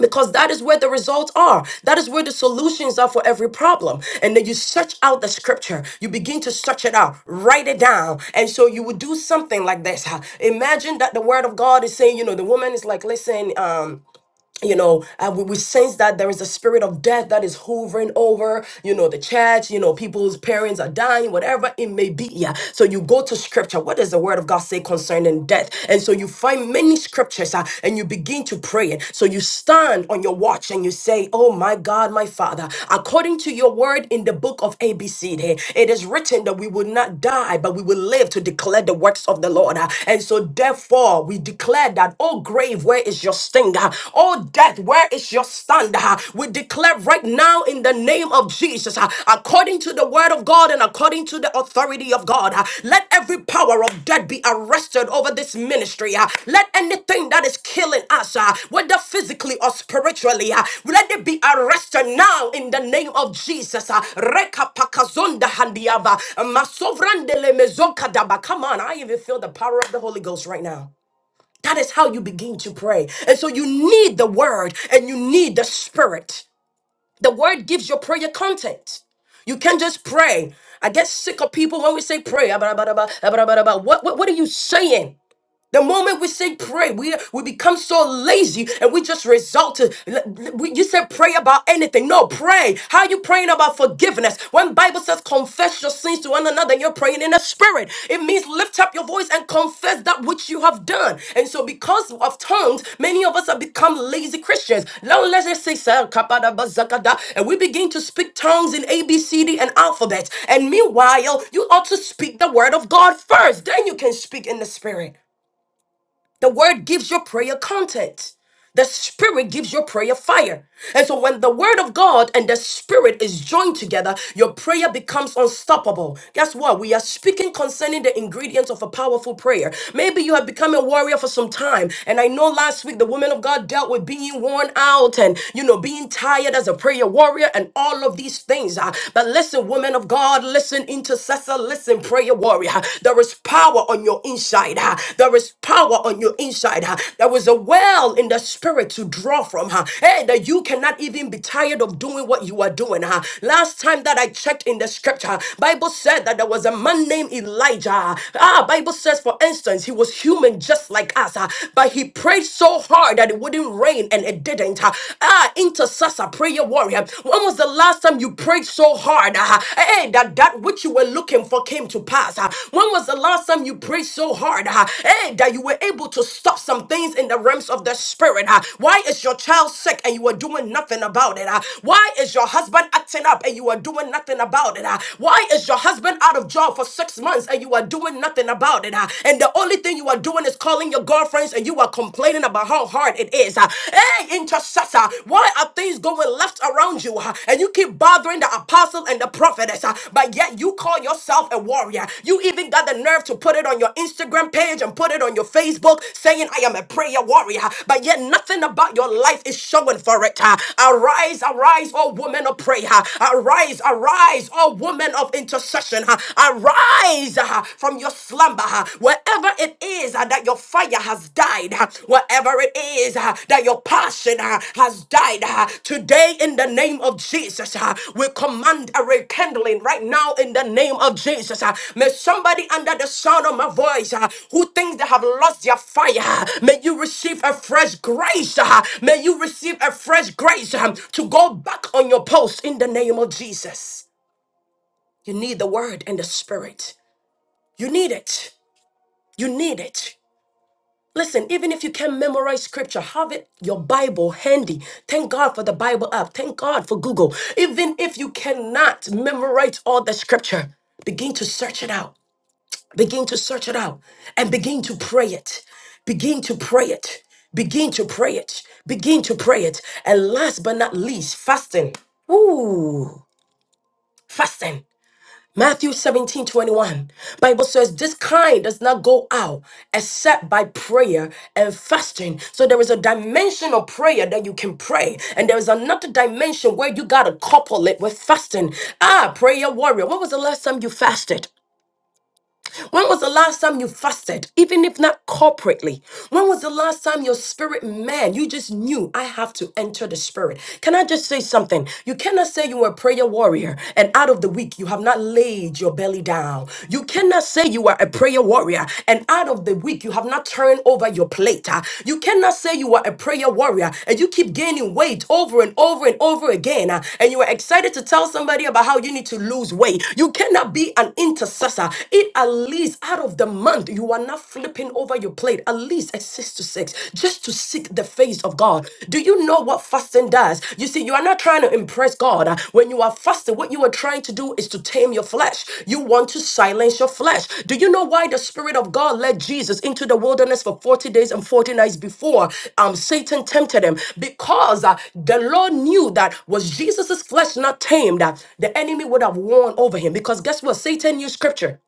Speaker 2: because that is where the results are. That is where the solutions are for every problem. And then you search out the scripture. You begin to search it out, write it down. And so you would do something like this. Imagine that the word of God is saying, you know, the woman is like, listen, um, you know, uh, we, we sense that there is a spirit of death that is hovering over, you know, the church, you know, people's parents are dying, whatever it may be. Yeah. So you go to scripture. What does the word of God say concerning death? And so you find many scriptures uh, and you begin to pray it. So you stand on your watch and you say, Oh my God, my Father, according to your word in the book of ABC, it is written that we will not die, but we will live to declare the works of the Lord. Uh, And so therefore, we declare that, Oh, grave, grave, where is your sting? Oh, death, where is your stand? We declare right now in the name of Jesus, according to the word of God and according to the authority of God, let every power of death be arrested over this ministry. Let anything that is killing us, whether physically or spiritually, let it be arrested now in the name of Jesus. Reka pakazonda handiava, masovrandele mezokadaba. Come on, I even feel the power of the Holy Ghost right now. That is how you begin to pray. And so you need the word and you need the spirit. The word gives your prayer content. You can not just pray. I get sick of people when we say pray. ah, blah, blah, blah, blah, blah, blah, blah. What, what, what are you saying? The moment we say pray, we, we become so lazy and we just result to. We, you said pray about anything. No, pray. How you praying about forgiveness? When Bible says confess your sins to one another, you're praying in the spirit. It means lift up your voice and confess that which you have done. And so because of tongues, many of us have become lazy Christians. Now let's just say, "Sir, kapada bazakada," and we begin to speak tongues in A, B, C, D, and alphabet. And meanwhile, you ought to speak the word of God first. Then you can speak in the spirit. The word gives your prayer content. The spirit gives your prayer fire. And so when the word of God and the spirit is joined together, your prayer becomes unstoppable. Guess what? We are speaking concerning the ingredients of a powerful prayer. Maybe you have become a warrior for some time. And I know last week the woman of God dealt with being worn out and, you know, being tired as a prayer warrior and all of these things. Uh, But listen, woman of God, listen, intercessor, listen and prayer warrior. There is power on your inside. huh? There is power on your inside. huh? There is a well in the spirit to draw from. huh? Hey, that you cannot even be tired of doing what you are doing. huh? Last time that I checked in the scripture, Bible said that there was a man named Elijah. Ah, Bible says, for instance, he was human just like us, huh? but he prayed so hard that it wouldn't rain and it didn't. huh? Ah, intercessor, prayer warrior. When when was the last time you prayed so hard uh, hey, that that which you were looking for came to pass? uh? when was the last time you prayed so hard uh, hey, that you were able to stop some things in the realms of the spirit? uh? why is your child sick and you are doing nothing about it? uh? why is your husband acting up and you are doing nothing about it? uh? why is your husband out of job for six months and you are doing nothing about it? uh? and the only thing you are doing is calling your girlfriends and you are complaining about how hard hard it is. Uh, Hey, intercessor, why are things going left around you uh, and you keep bothering the apostle and the prophetess, uh, but yet you call yourself a warrior? You even got the nerve to put it on your Instagram page and put it on your Facebook saying, I am a prayer warrior, but yet nothing about your life is showing for it. uh. Arise, arise, oh woman of prayer. Arise, arise, oh woman of intercession. uh. Arise uh, from your slumber Ah, wherever it is ah, that your fire has died, ah, wherever it is ah, that your passion ah, has died, ah, today in the name of Jesus, ah, we command a rekindling right now in the name of Jesus. ah. May somebody under the sound of my voice ah, who thinks they have lost their fire, ah, may you receive a fresh grace. ah. May you receive a fresh grace ah, to go back on your post in the name of Jesus. You need the word and the spirit. You need it. You need it. Listen, even if you can't memorize scripture, have it your Bible handy. Thank God for the Bible app. Thank God for Google. Even if you cannot memorize all the scripture, begin to search it out. Begin to search it out and begin to pray it. Begin to pray it. Begin to pray it. Begin to pray it. And last but not least, fasting. Ooh, fasting. Matthew seventeen twenty one, Bible says this kind does not go out except by prayer and fasting. So there is a dimension of prayer that you can pray, and there is another dimension where you gotta couple it with fasting. Ah, prayer warrior. When was the last time you fasted? When was the last time you fasted, even if not corporately? When was the last time your spirit man, you just knew I have to enter the spirit? Can I just say something? You cannot say you were a prayer warrior and out of the week you have not laid your belly down. You cannot say you are a prayer warrior and out of the week you have not turned over your plate. Ah, You cannot say you are a prayer warrior and you keep gaining weight over and over and over again ah, and you are excited to tell somebody about how you need to lose weight. You cannot be an intercessor. It at least out of the month, you are not flipping over your plate, at least at six to six, just to seek the face of God. Do you know what fasting does? You see, you are not trying to impress God. When you are fasting, what you are trying to do is to tame your flesh. You want to silence your flesh. Do you know why the Spirit of God led Jesus into the wilderness for 40 days and 40 nights before um, Satan tempted him? Because uh, the Lord knew that was Jesus' flesh not tamed, uh, the enemy would have won over him. Because guess what? Satan knew scripture.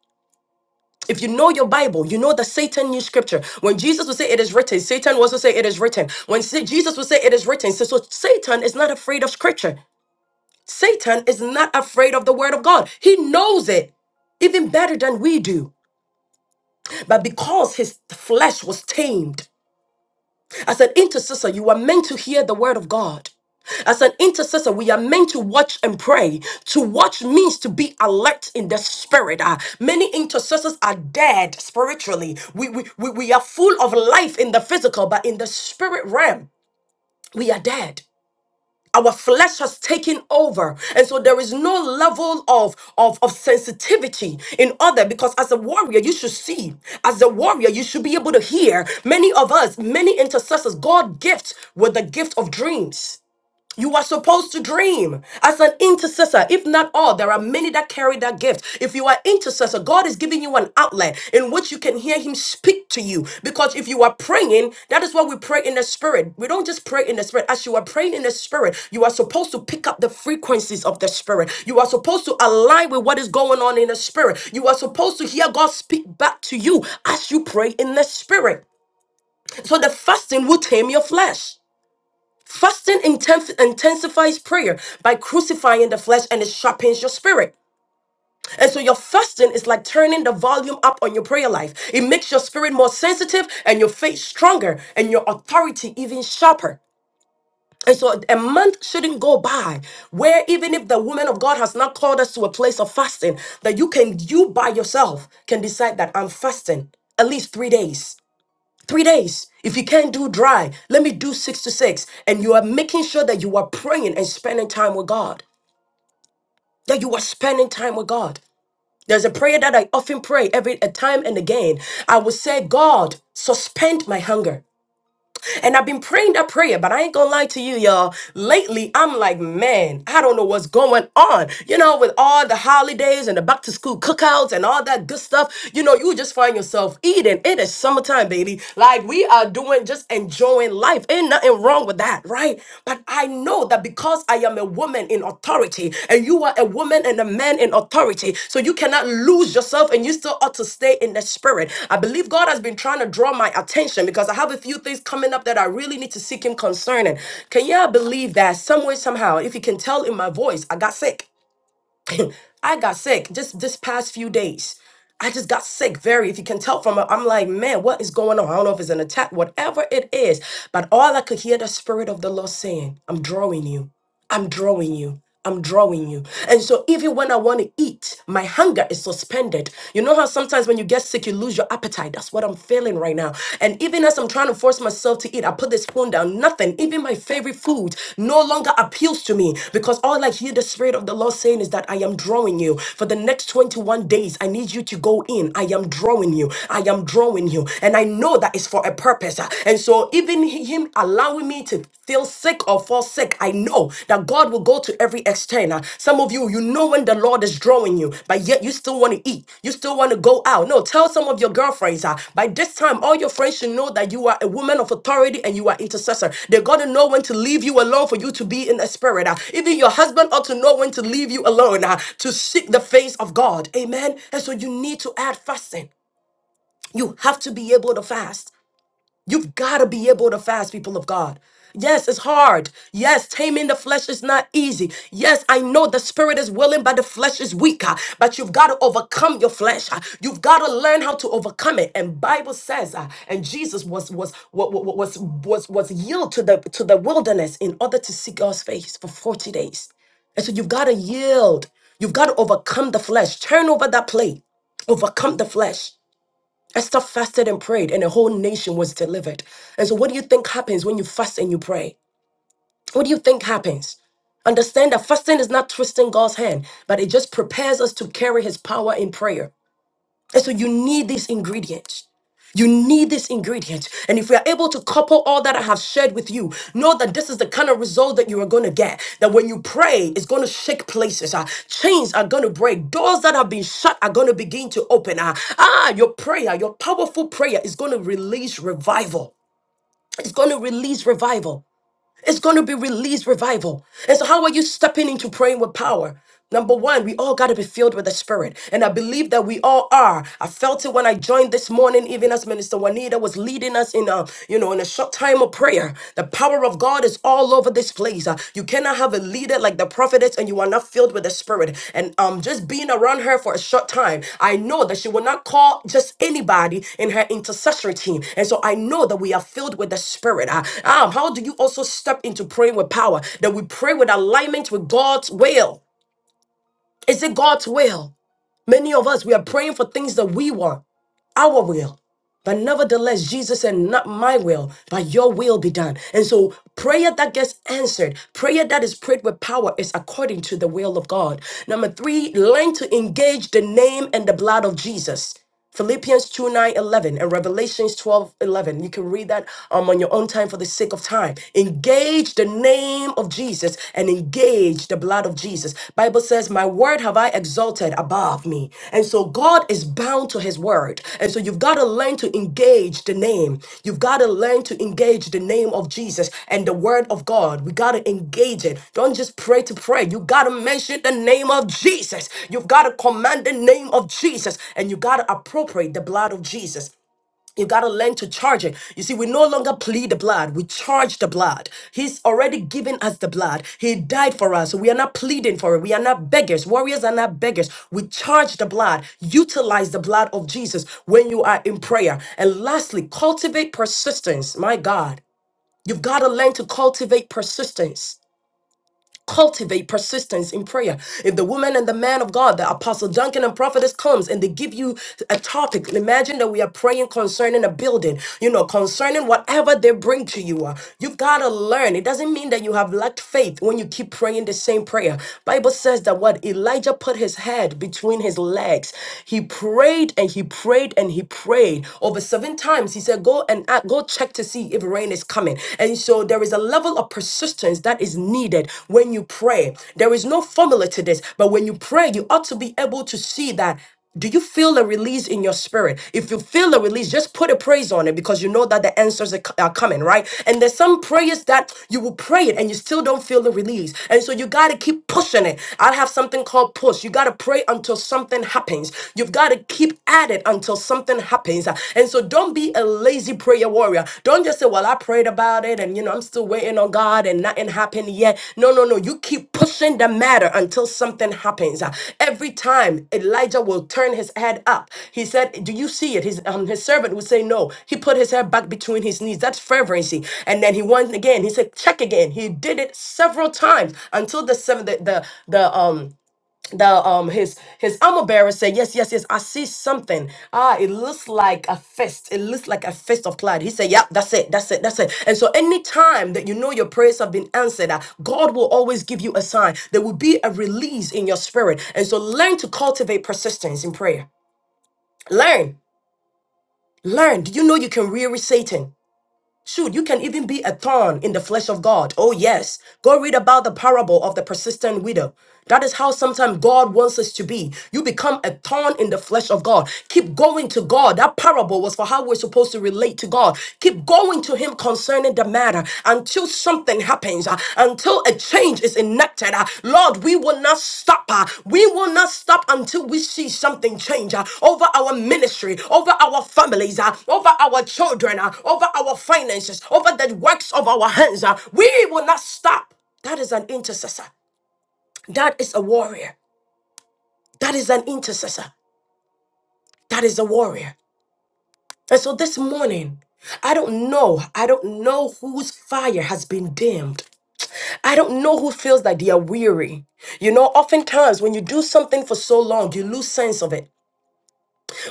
Speaker 2: If you know your Bible, you know that Satan knew scripture. When Jesus would say it is written, Satan would also say it is written. When Sa- Jesus would say it is written, so, so Satan is not afraid of scripture. Satan is not afraid of the word of God. He knows it even better than we do. But because his flesh was tamed, as an intercessor, you are meant to hear the word of God. As an intercessor, we are meant to watch and pray. To watch means to be alert in the spirit. Ah, many intercessors are dead spiritually. We, we, we, we are full of life in the physical, but in the spirit realm, we are dead our flesh has taken over and so there is no level of, of of sensitivity in other because as a warrior you should see as a warrior you should be able to hear many of us many intercessors god gifts with the gift of dreams you are supposed to dream as an intercessor. If not all, there are many that carry that gift. If you are intercessor, God is giving you an outlet in which you can hear Him speak to you. Because if you are praying, that is what we pray in the spirit. We don't just pray in the spirit. As you are praying in the spirit, you are supposed to pick up the frequencies of the spirit. You are supposed to align with what is going on in the spirit. You are supposed to hear God speak back to you as you pray in the spirit. So the fasting will tame your flesh. Fasting inten- intensifies prayer by crucifying the flesh and it sharpens your spirit. And so your fasting is like turning the volume up on your prayer life. It makes your spirit more sensitive and your faith stronger and your authority even sharper. And so a month shouldn't go by where even if the woman of God has not called us to a place of fasting, that you can, you by yourself can decide that I'm fasting at least three days. Three days. If you can't do dry, let me do six to six. And you are making sure that you are praying and spending time with God. That you are spending time with God. There's a prayer that I often pray every a time and again. I will say, God, suspend my hunger. And I've been praying that prayer, but I ain't gonna lie to you, y'all. Lately, I'm like, man, I don't know what's going on. You know, with all the holidays and the back to school cookouts and all that good stuff, you know, you just find yourself eating. It is summertime, baby. Like we are doing, just enjoying life. Ain't nothing wrong with that, right? But I know know that because I am a woman in authority and you are a woman and a man in authority, so you cannot lose yourself and you still ought to stay in the spirit. I believe God has been trying to draw my attention because I have a few things coming up that I really need to seek Him concerning. Can y'all believe that? Some way, somehow, if you can tell in my voice, I got sick. I got sick just this past few days. I just got sick very, if you can tell from it, I'm like, man, what is going on? I don't know if it's an attack, whatever it is. But all I could hear the Spirit of the Lord saying, I'm drawing you. I'm drawing you. I'm drawing you. And so even when I want to eat, my hunger is suspended. You know how sometimes when you get sick, you lose your appetite. That's what I'm feeling right now. And even as I'm trying to force myself to eat, I put the spoon down. Nothing, even my favorite food, no longer appeals to me because all I hear the Spirit of the Lord saying is that I am drawing you. For the next 21 days, I need you to go in. I am drawing you. I am drawing you. And I know that it's for a purpose. And so, even Him allowing me to feel sick or fall sick, I know that God will go to every extent. Uh, Some of you, you know when the Lord is drawing you, but yet you still want to eat. You still want to go out. No, tell some of your girlfriends. Uh, by this time, all your friends should know that you are a woman of authority and you are intercessor. They got to know when to leave you alone for you to be in the spirit. Uh, even your husband ought to know when to leave you alone uh, to seek the face of God. Amen. And so you need to add fasting. You have to be able to fast. You've got to be able to fast, people of God. Yes, it's hard. Yes, taming the flesh is not easy. Yes, I know the spirit is willing, but the flesh is weak. ah, But you've got to overcome your flesh. ah. You've got to learn how to overcome it. And Bible says, ah, and Jesus was was wa- wa- wa- was was was yield to the to the wilderness in order to seek God's face for forty days. And so you've got to yield. You've got to overcome the flesh. Turn over that plate. Overcome the flesh. Esther fasted and prayed, and a whole nation was delivered. And so, what do you think happens when you fast and you pray? What do you think happens? Understand that fasting is not twisting God's hand, but it just prepares us to carry his power in prayer. And so you need these ingredients. You need these ingredients. And if we are able to couple all that I have shared with you, know that this is the kind of result that you are going to get. That when you pray, it's going to shake places. Uh, chains are going to break. Doors that have been shut are going to begin to open. Uh, ah, your prayer, your powerful prayer is going to release revival. It's going to release revival. It's going to be released revival. And so, how are you stepping into praying with power? Number one, we all got to be filled with the Spirit. And I believe that we all are. I felt it when I joined this morning, even as Minister Juanita was leading us in a, you know, in a short time of prayer. The power of God is all over this place. Uh, You cannot have a leader like the prophetess and you are not filled with the spirit and um just being around her for a short time i know that she will not call just anybody in her intercessory team and so i know that we are filled with the spirit Ah, um how do you also step into praying with power that we pray with alignment with god's will is it god's will many of us we are praying for things that we want our will. But nevertheless, Jesus said, Not my will, but your will be done. And so, prayer that gets answered, prayer that is prayed with power, is according to the will of God. Number three, learn to engage the name and the blood of Jesus. Philippians 2 nine eleven and Revelations twelve eleven. You can read that um, on your own time for the sake of time. Engage the name of Jesus and engage engage the blood of Jesus. Bible says, "My word have I exalted above me." And so God is bound to his word. And so you've got to learn to engage the name. You've got to learn to engage the name of Jesus and the word of God. We got to engage it. Don't just pray to pray. You got to mention the name of Jesus. You've got to command the name of Jesus and you got to appropriate the blood of Jesus. You got to learn to charge it. You see, we no longer plead the blood. We charge the blood. He's already given us the blood. He died for us. So we are not pleading for it. We are not beggars. Warriors are not beggars. We charge the blood. Utilize the blood of Jesus when you are in prayer. And lastly, cultivate persistence. My God, you've got to learn to cultivate persistence cultivate persistence in prayer. If the woman and the man of God, the apostle Duncan and prophetess comes and they give you a topic, imagine that we are praying concerning a building, you know, concerning whatever they bring to you. Uh, You've got to learn. It doesn't mean that you have lacked faith when you keep praying the same prayer. Bible says that what Elijah put his head between his legs. He prayed and he prayed and he prayed over seven times. He said, "Go and a- go check to see if negative rain is coming. And so there is a level of persistence that is needed when you pray. There is no formula to this, but when you pray, you ought to be able to see that do you feel a release in your spirit? If you feel a release, just put a praise on it because you know that the answers are co- are coming, right? And there's some prayers that you will pray it and you still don't feel the release. And so you got to keep pushing it. I have something called push. You got to pray until something happens. You've got to keep at it it until something happens. And so don't be a lazy prayer warrior. Don't just say, Well, I prayed about it and you know I'm still waiting on God and nothing happened yet. No, no, no. You keep pushing the matter until something happens. Every time Elijah will turn his head up, he said, Do you see it? His um, his servant would say no. He put his head back between his knees. That's fervency. And then he went again. He said, check again. He did it several times until the seven the the, the um the um his his armor bearer said yes yes yes i see something ah it looks like a fist it looks like a fist of cloud he said yeah that's it that's it that's it and so anytime that you know your prayers have been answered uh, god will always give you a sign there will be a release in your spirit and so learn to cultivate persistence in prayer learn learn do you know you can weary satan Shoot, you can even be a thorn in the flesh of God. Oh, yes. Go read about the parable of the persistent widow. That is how sometimes God wants us to be. You become a thorn in the flesh of God. Keep going to God. That parable was for how we're supposed to relate to God. Keep going to Him concerning the matter until something happens uh, until a change is enacted uh, lord we will not stop uh, we will not stop until we see something change uh, over our ministry over our families uh, over our children uh, over our finances over the works of our hands uh, we will not stop that is an intercessor that is a warrior that is an intercessor that is a warrior and so this morning I don't know. I don't know whose fire has been dimmed. I don't know who feels that they are weary. You know, oftentimes when you do something for so long, you lose sense of it.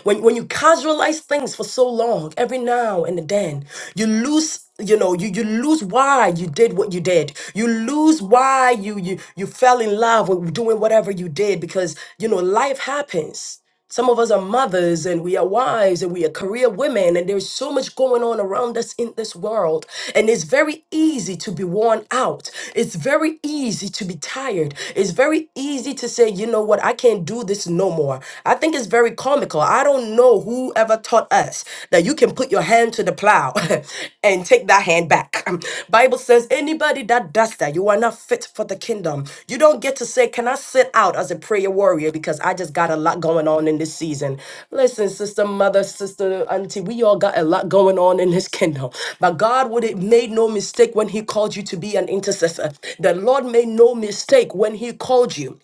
Speaker 2: When when you casualize things for so long, every now and then, you lose you know you, you lose why you did what you did you lose why you you you fell in love with doing whatever you did because you know life happens some of us are mothers and we are wives and we are career women, and there's so much going on around us in this world. And it's very easy to be worn out. It's very easy to be tired. It's very easy to say, you know what, I can't do this no more. I think it's very comical. I don't know who ever taught us that you can put your hand to the plow and take that hand back. Bible says anybody that does that, you are not fit for the kingdom. You don't get to say, "Can I sit out as a prayer warrior?" Because I just got a lot going on in this season. Listen, sister, mother, sister, auntie, we all got a lot going on in His kingdom. But God would have made no mistake when He called you to be an intercessor. The Lord made no mistake when He called you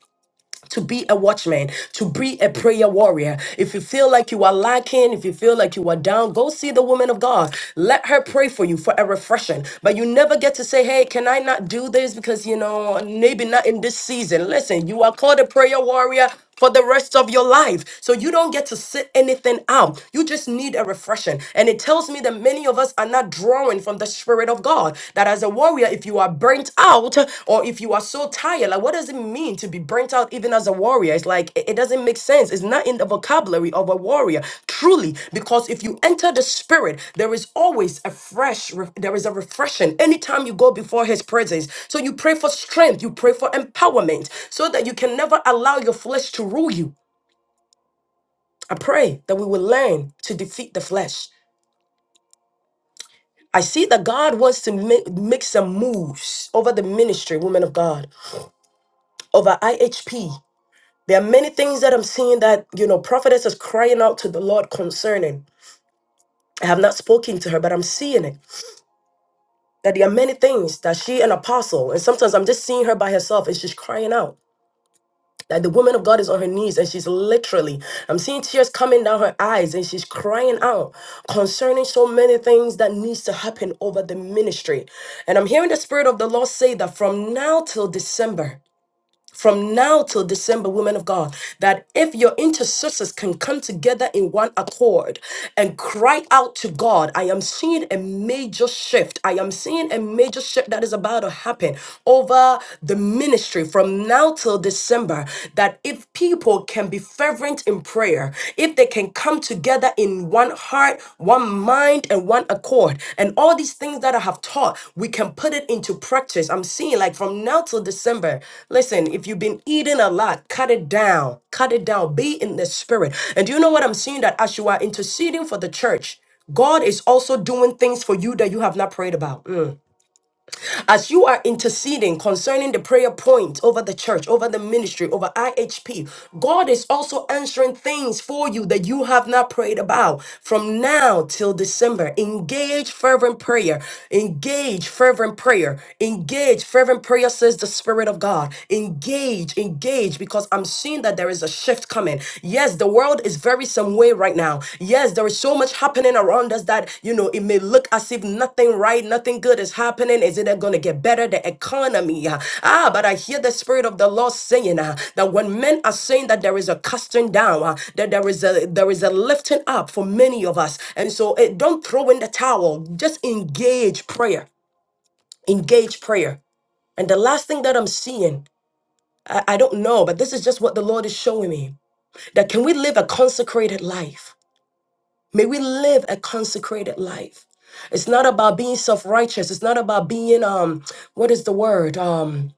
Speaker 2: to be a watchman, to be a prayer warrior. If you feel like you are lacking, if you feel like you are down, go see the woman of God. Let her pray for you for a refreshing. But you never get to say, hey, can I not do this? Because, you know, maybe not in this season. Listen, you are called a prayer warrior for the rest of your life. So you don't get to sit anything out. You just need a refreshing. And it tells me that many of us are not drawing from the Spirit of God. That as a warrior, if you are burnt out or if you are so tired, like what does it mean to be burnt out even as a warrior? It's like, it. It doesn't make sense. It's not in the vocabulary of a warrior, truly, because if you enter the spirit, there is always a fresh, there is a refreshing anytime you go before his presence. So you pray for strength, you pray for empowerment, so that you can never allow your flesh to rule you. I pray that we will learn to defeat the flesh. I see that God wants to make, make some moves over the ministry, women of God, over IHP. There are many things that I'm seeing that, you know, prophetess is crying out to the Lord concerning. I have not spoken to her, but I'm seeing it. That there are many things that she, an apostle, and sometimes I'm just seeing her by herself and she's crying out. That the woman of God is on her knees and she's literally, I'm seeing tears coming down her eyes and she's crying out concerning so many things that needs to happen over the ministry. And I'm hearing the Spirit of the Lord say that from now till December, from now till December, women of God, that if your intercessors can come together in one accord and cry out to God, I am seeing a major shift. I am seeing a major shift that is about to happen over the ministry from now till December. That if people can be fervent in prayer, if they can come together in one heart, one mind, and one accord. And all these things that I have taught, we can put it into practice. I'm seeing like from now till December. Listen, if you've been eating a lot, cut it down. Cut it down. Be in the spirit. And do you know what I'm seeing? That as you are interceding for the church, God is also doing things for you that you have not prayed about. Mm. As you are interceding concerning the prayer point over the church, over the ministry, over IHP, God is also answering things for you that you have not prayed about from now till December. Engage fervent prayer. Engage fervent prayer. Engage fervent prayer, says the Spirit of God. Engage, engage, because I'm seeing that there is a shift coming. Yes the world is very some way right now. Yes, there is so much happening around us that you know it may look as if nothing right, nothing good is happening. Is it going to get better? The economy, uh, ah, but I hear the spirit of the Lord saying uh, that when men are saying that there is a casting down, uh, that there is a there is a lifting up for many of us, and so eh, don't throw in the towel. Just engage prayer, engage prayer. And the last thing that I'm seeing, I, I don't know, but this is just what the Lord is showing me that can we live a consecrated life? May we live a consecrated life. It's not about being self-righteous. It's not about being um what is the word? Um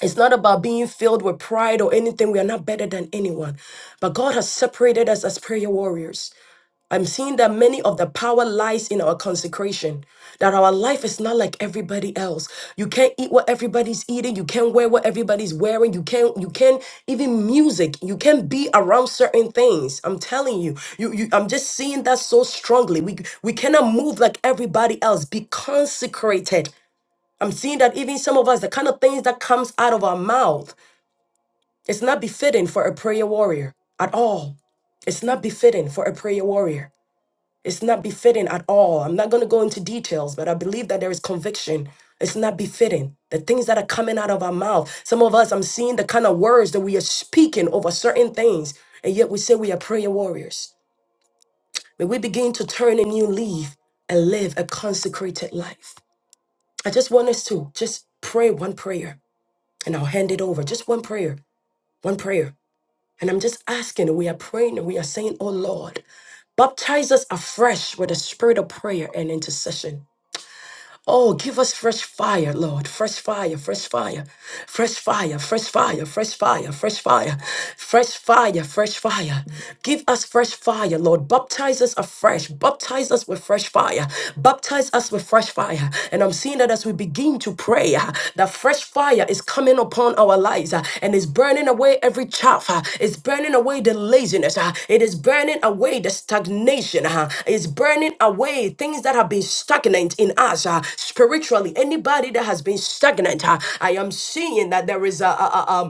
Speaker 2: it's not about being filled with pride or anything. We are not better than anyone. But God has separated us as prayer warriors. I'm seeing that many of the power lies in our consecration, that our life is not like everybody else. You can't eat what everybody's eating, you can't wear what everybody's wearing, you can't, you can't even music, you can't be around certain things. I'm telling you, you, you I'm just seeing that so strongly. We we cannot move like everybody else. Be consecrated. I'm seeing that even some of us, the kind of things that comes out of our mouth, it's not befitting for a prayer warrior at all. It's not befitting for a prayer warrior. It's not befitting at all. I'm not going to go into details, but I believe that there is conviction. It's not befitting. The things that are coming out of our mouth. Some of us, I'm seeing the kind of words that we are speaking over certain things, and yet we say we are prayer warriors. May we begin to turn a new leaf and live a consecrated life. I just want us to just pray one prayer and I'll hand it over. Just one prayer, one prayer. And I'm just asking, and we are praying and we are saying, Oh Lord, baptize us afresh with the spirit of prayer and intercession. Oh, give us fresh fire, Lord. Fresh fire, fresh fire, fresh fire, fresh fire, fresh fire, fresh fire, fresh fire, fresh fire. Give us fresh fire, Lord. Baptize us afresh. Baptize us with fresh fire. Baptize us with fresh fire. And I'm seeing that as we begin to pray, uh, that a fresh fire is coming upon our lives uh, and is burning away every chaff. uh, It's burning away the laziness. uh, It is burning away the stagnation. uh, It's burning away things that have been stagnant in us uh, spiritually. Anybody that has been stagnant, uh, I am seeing that there is a, a, a, um,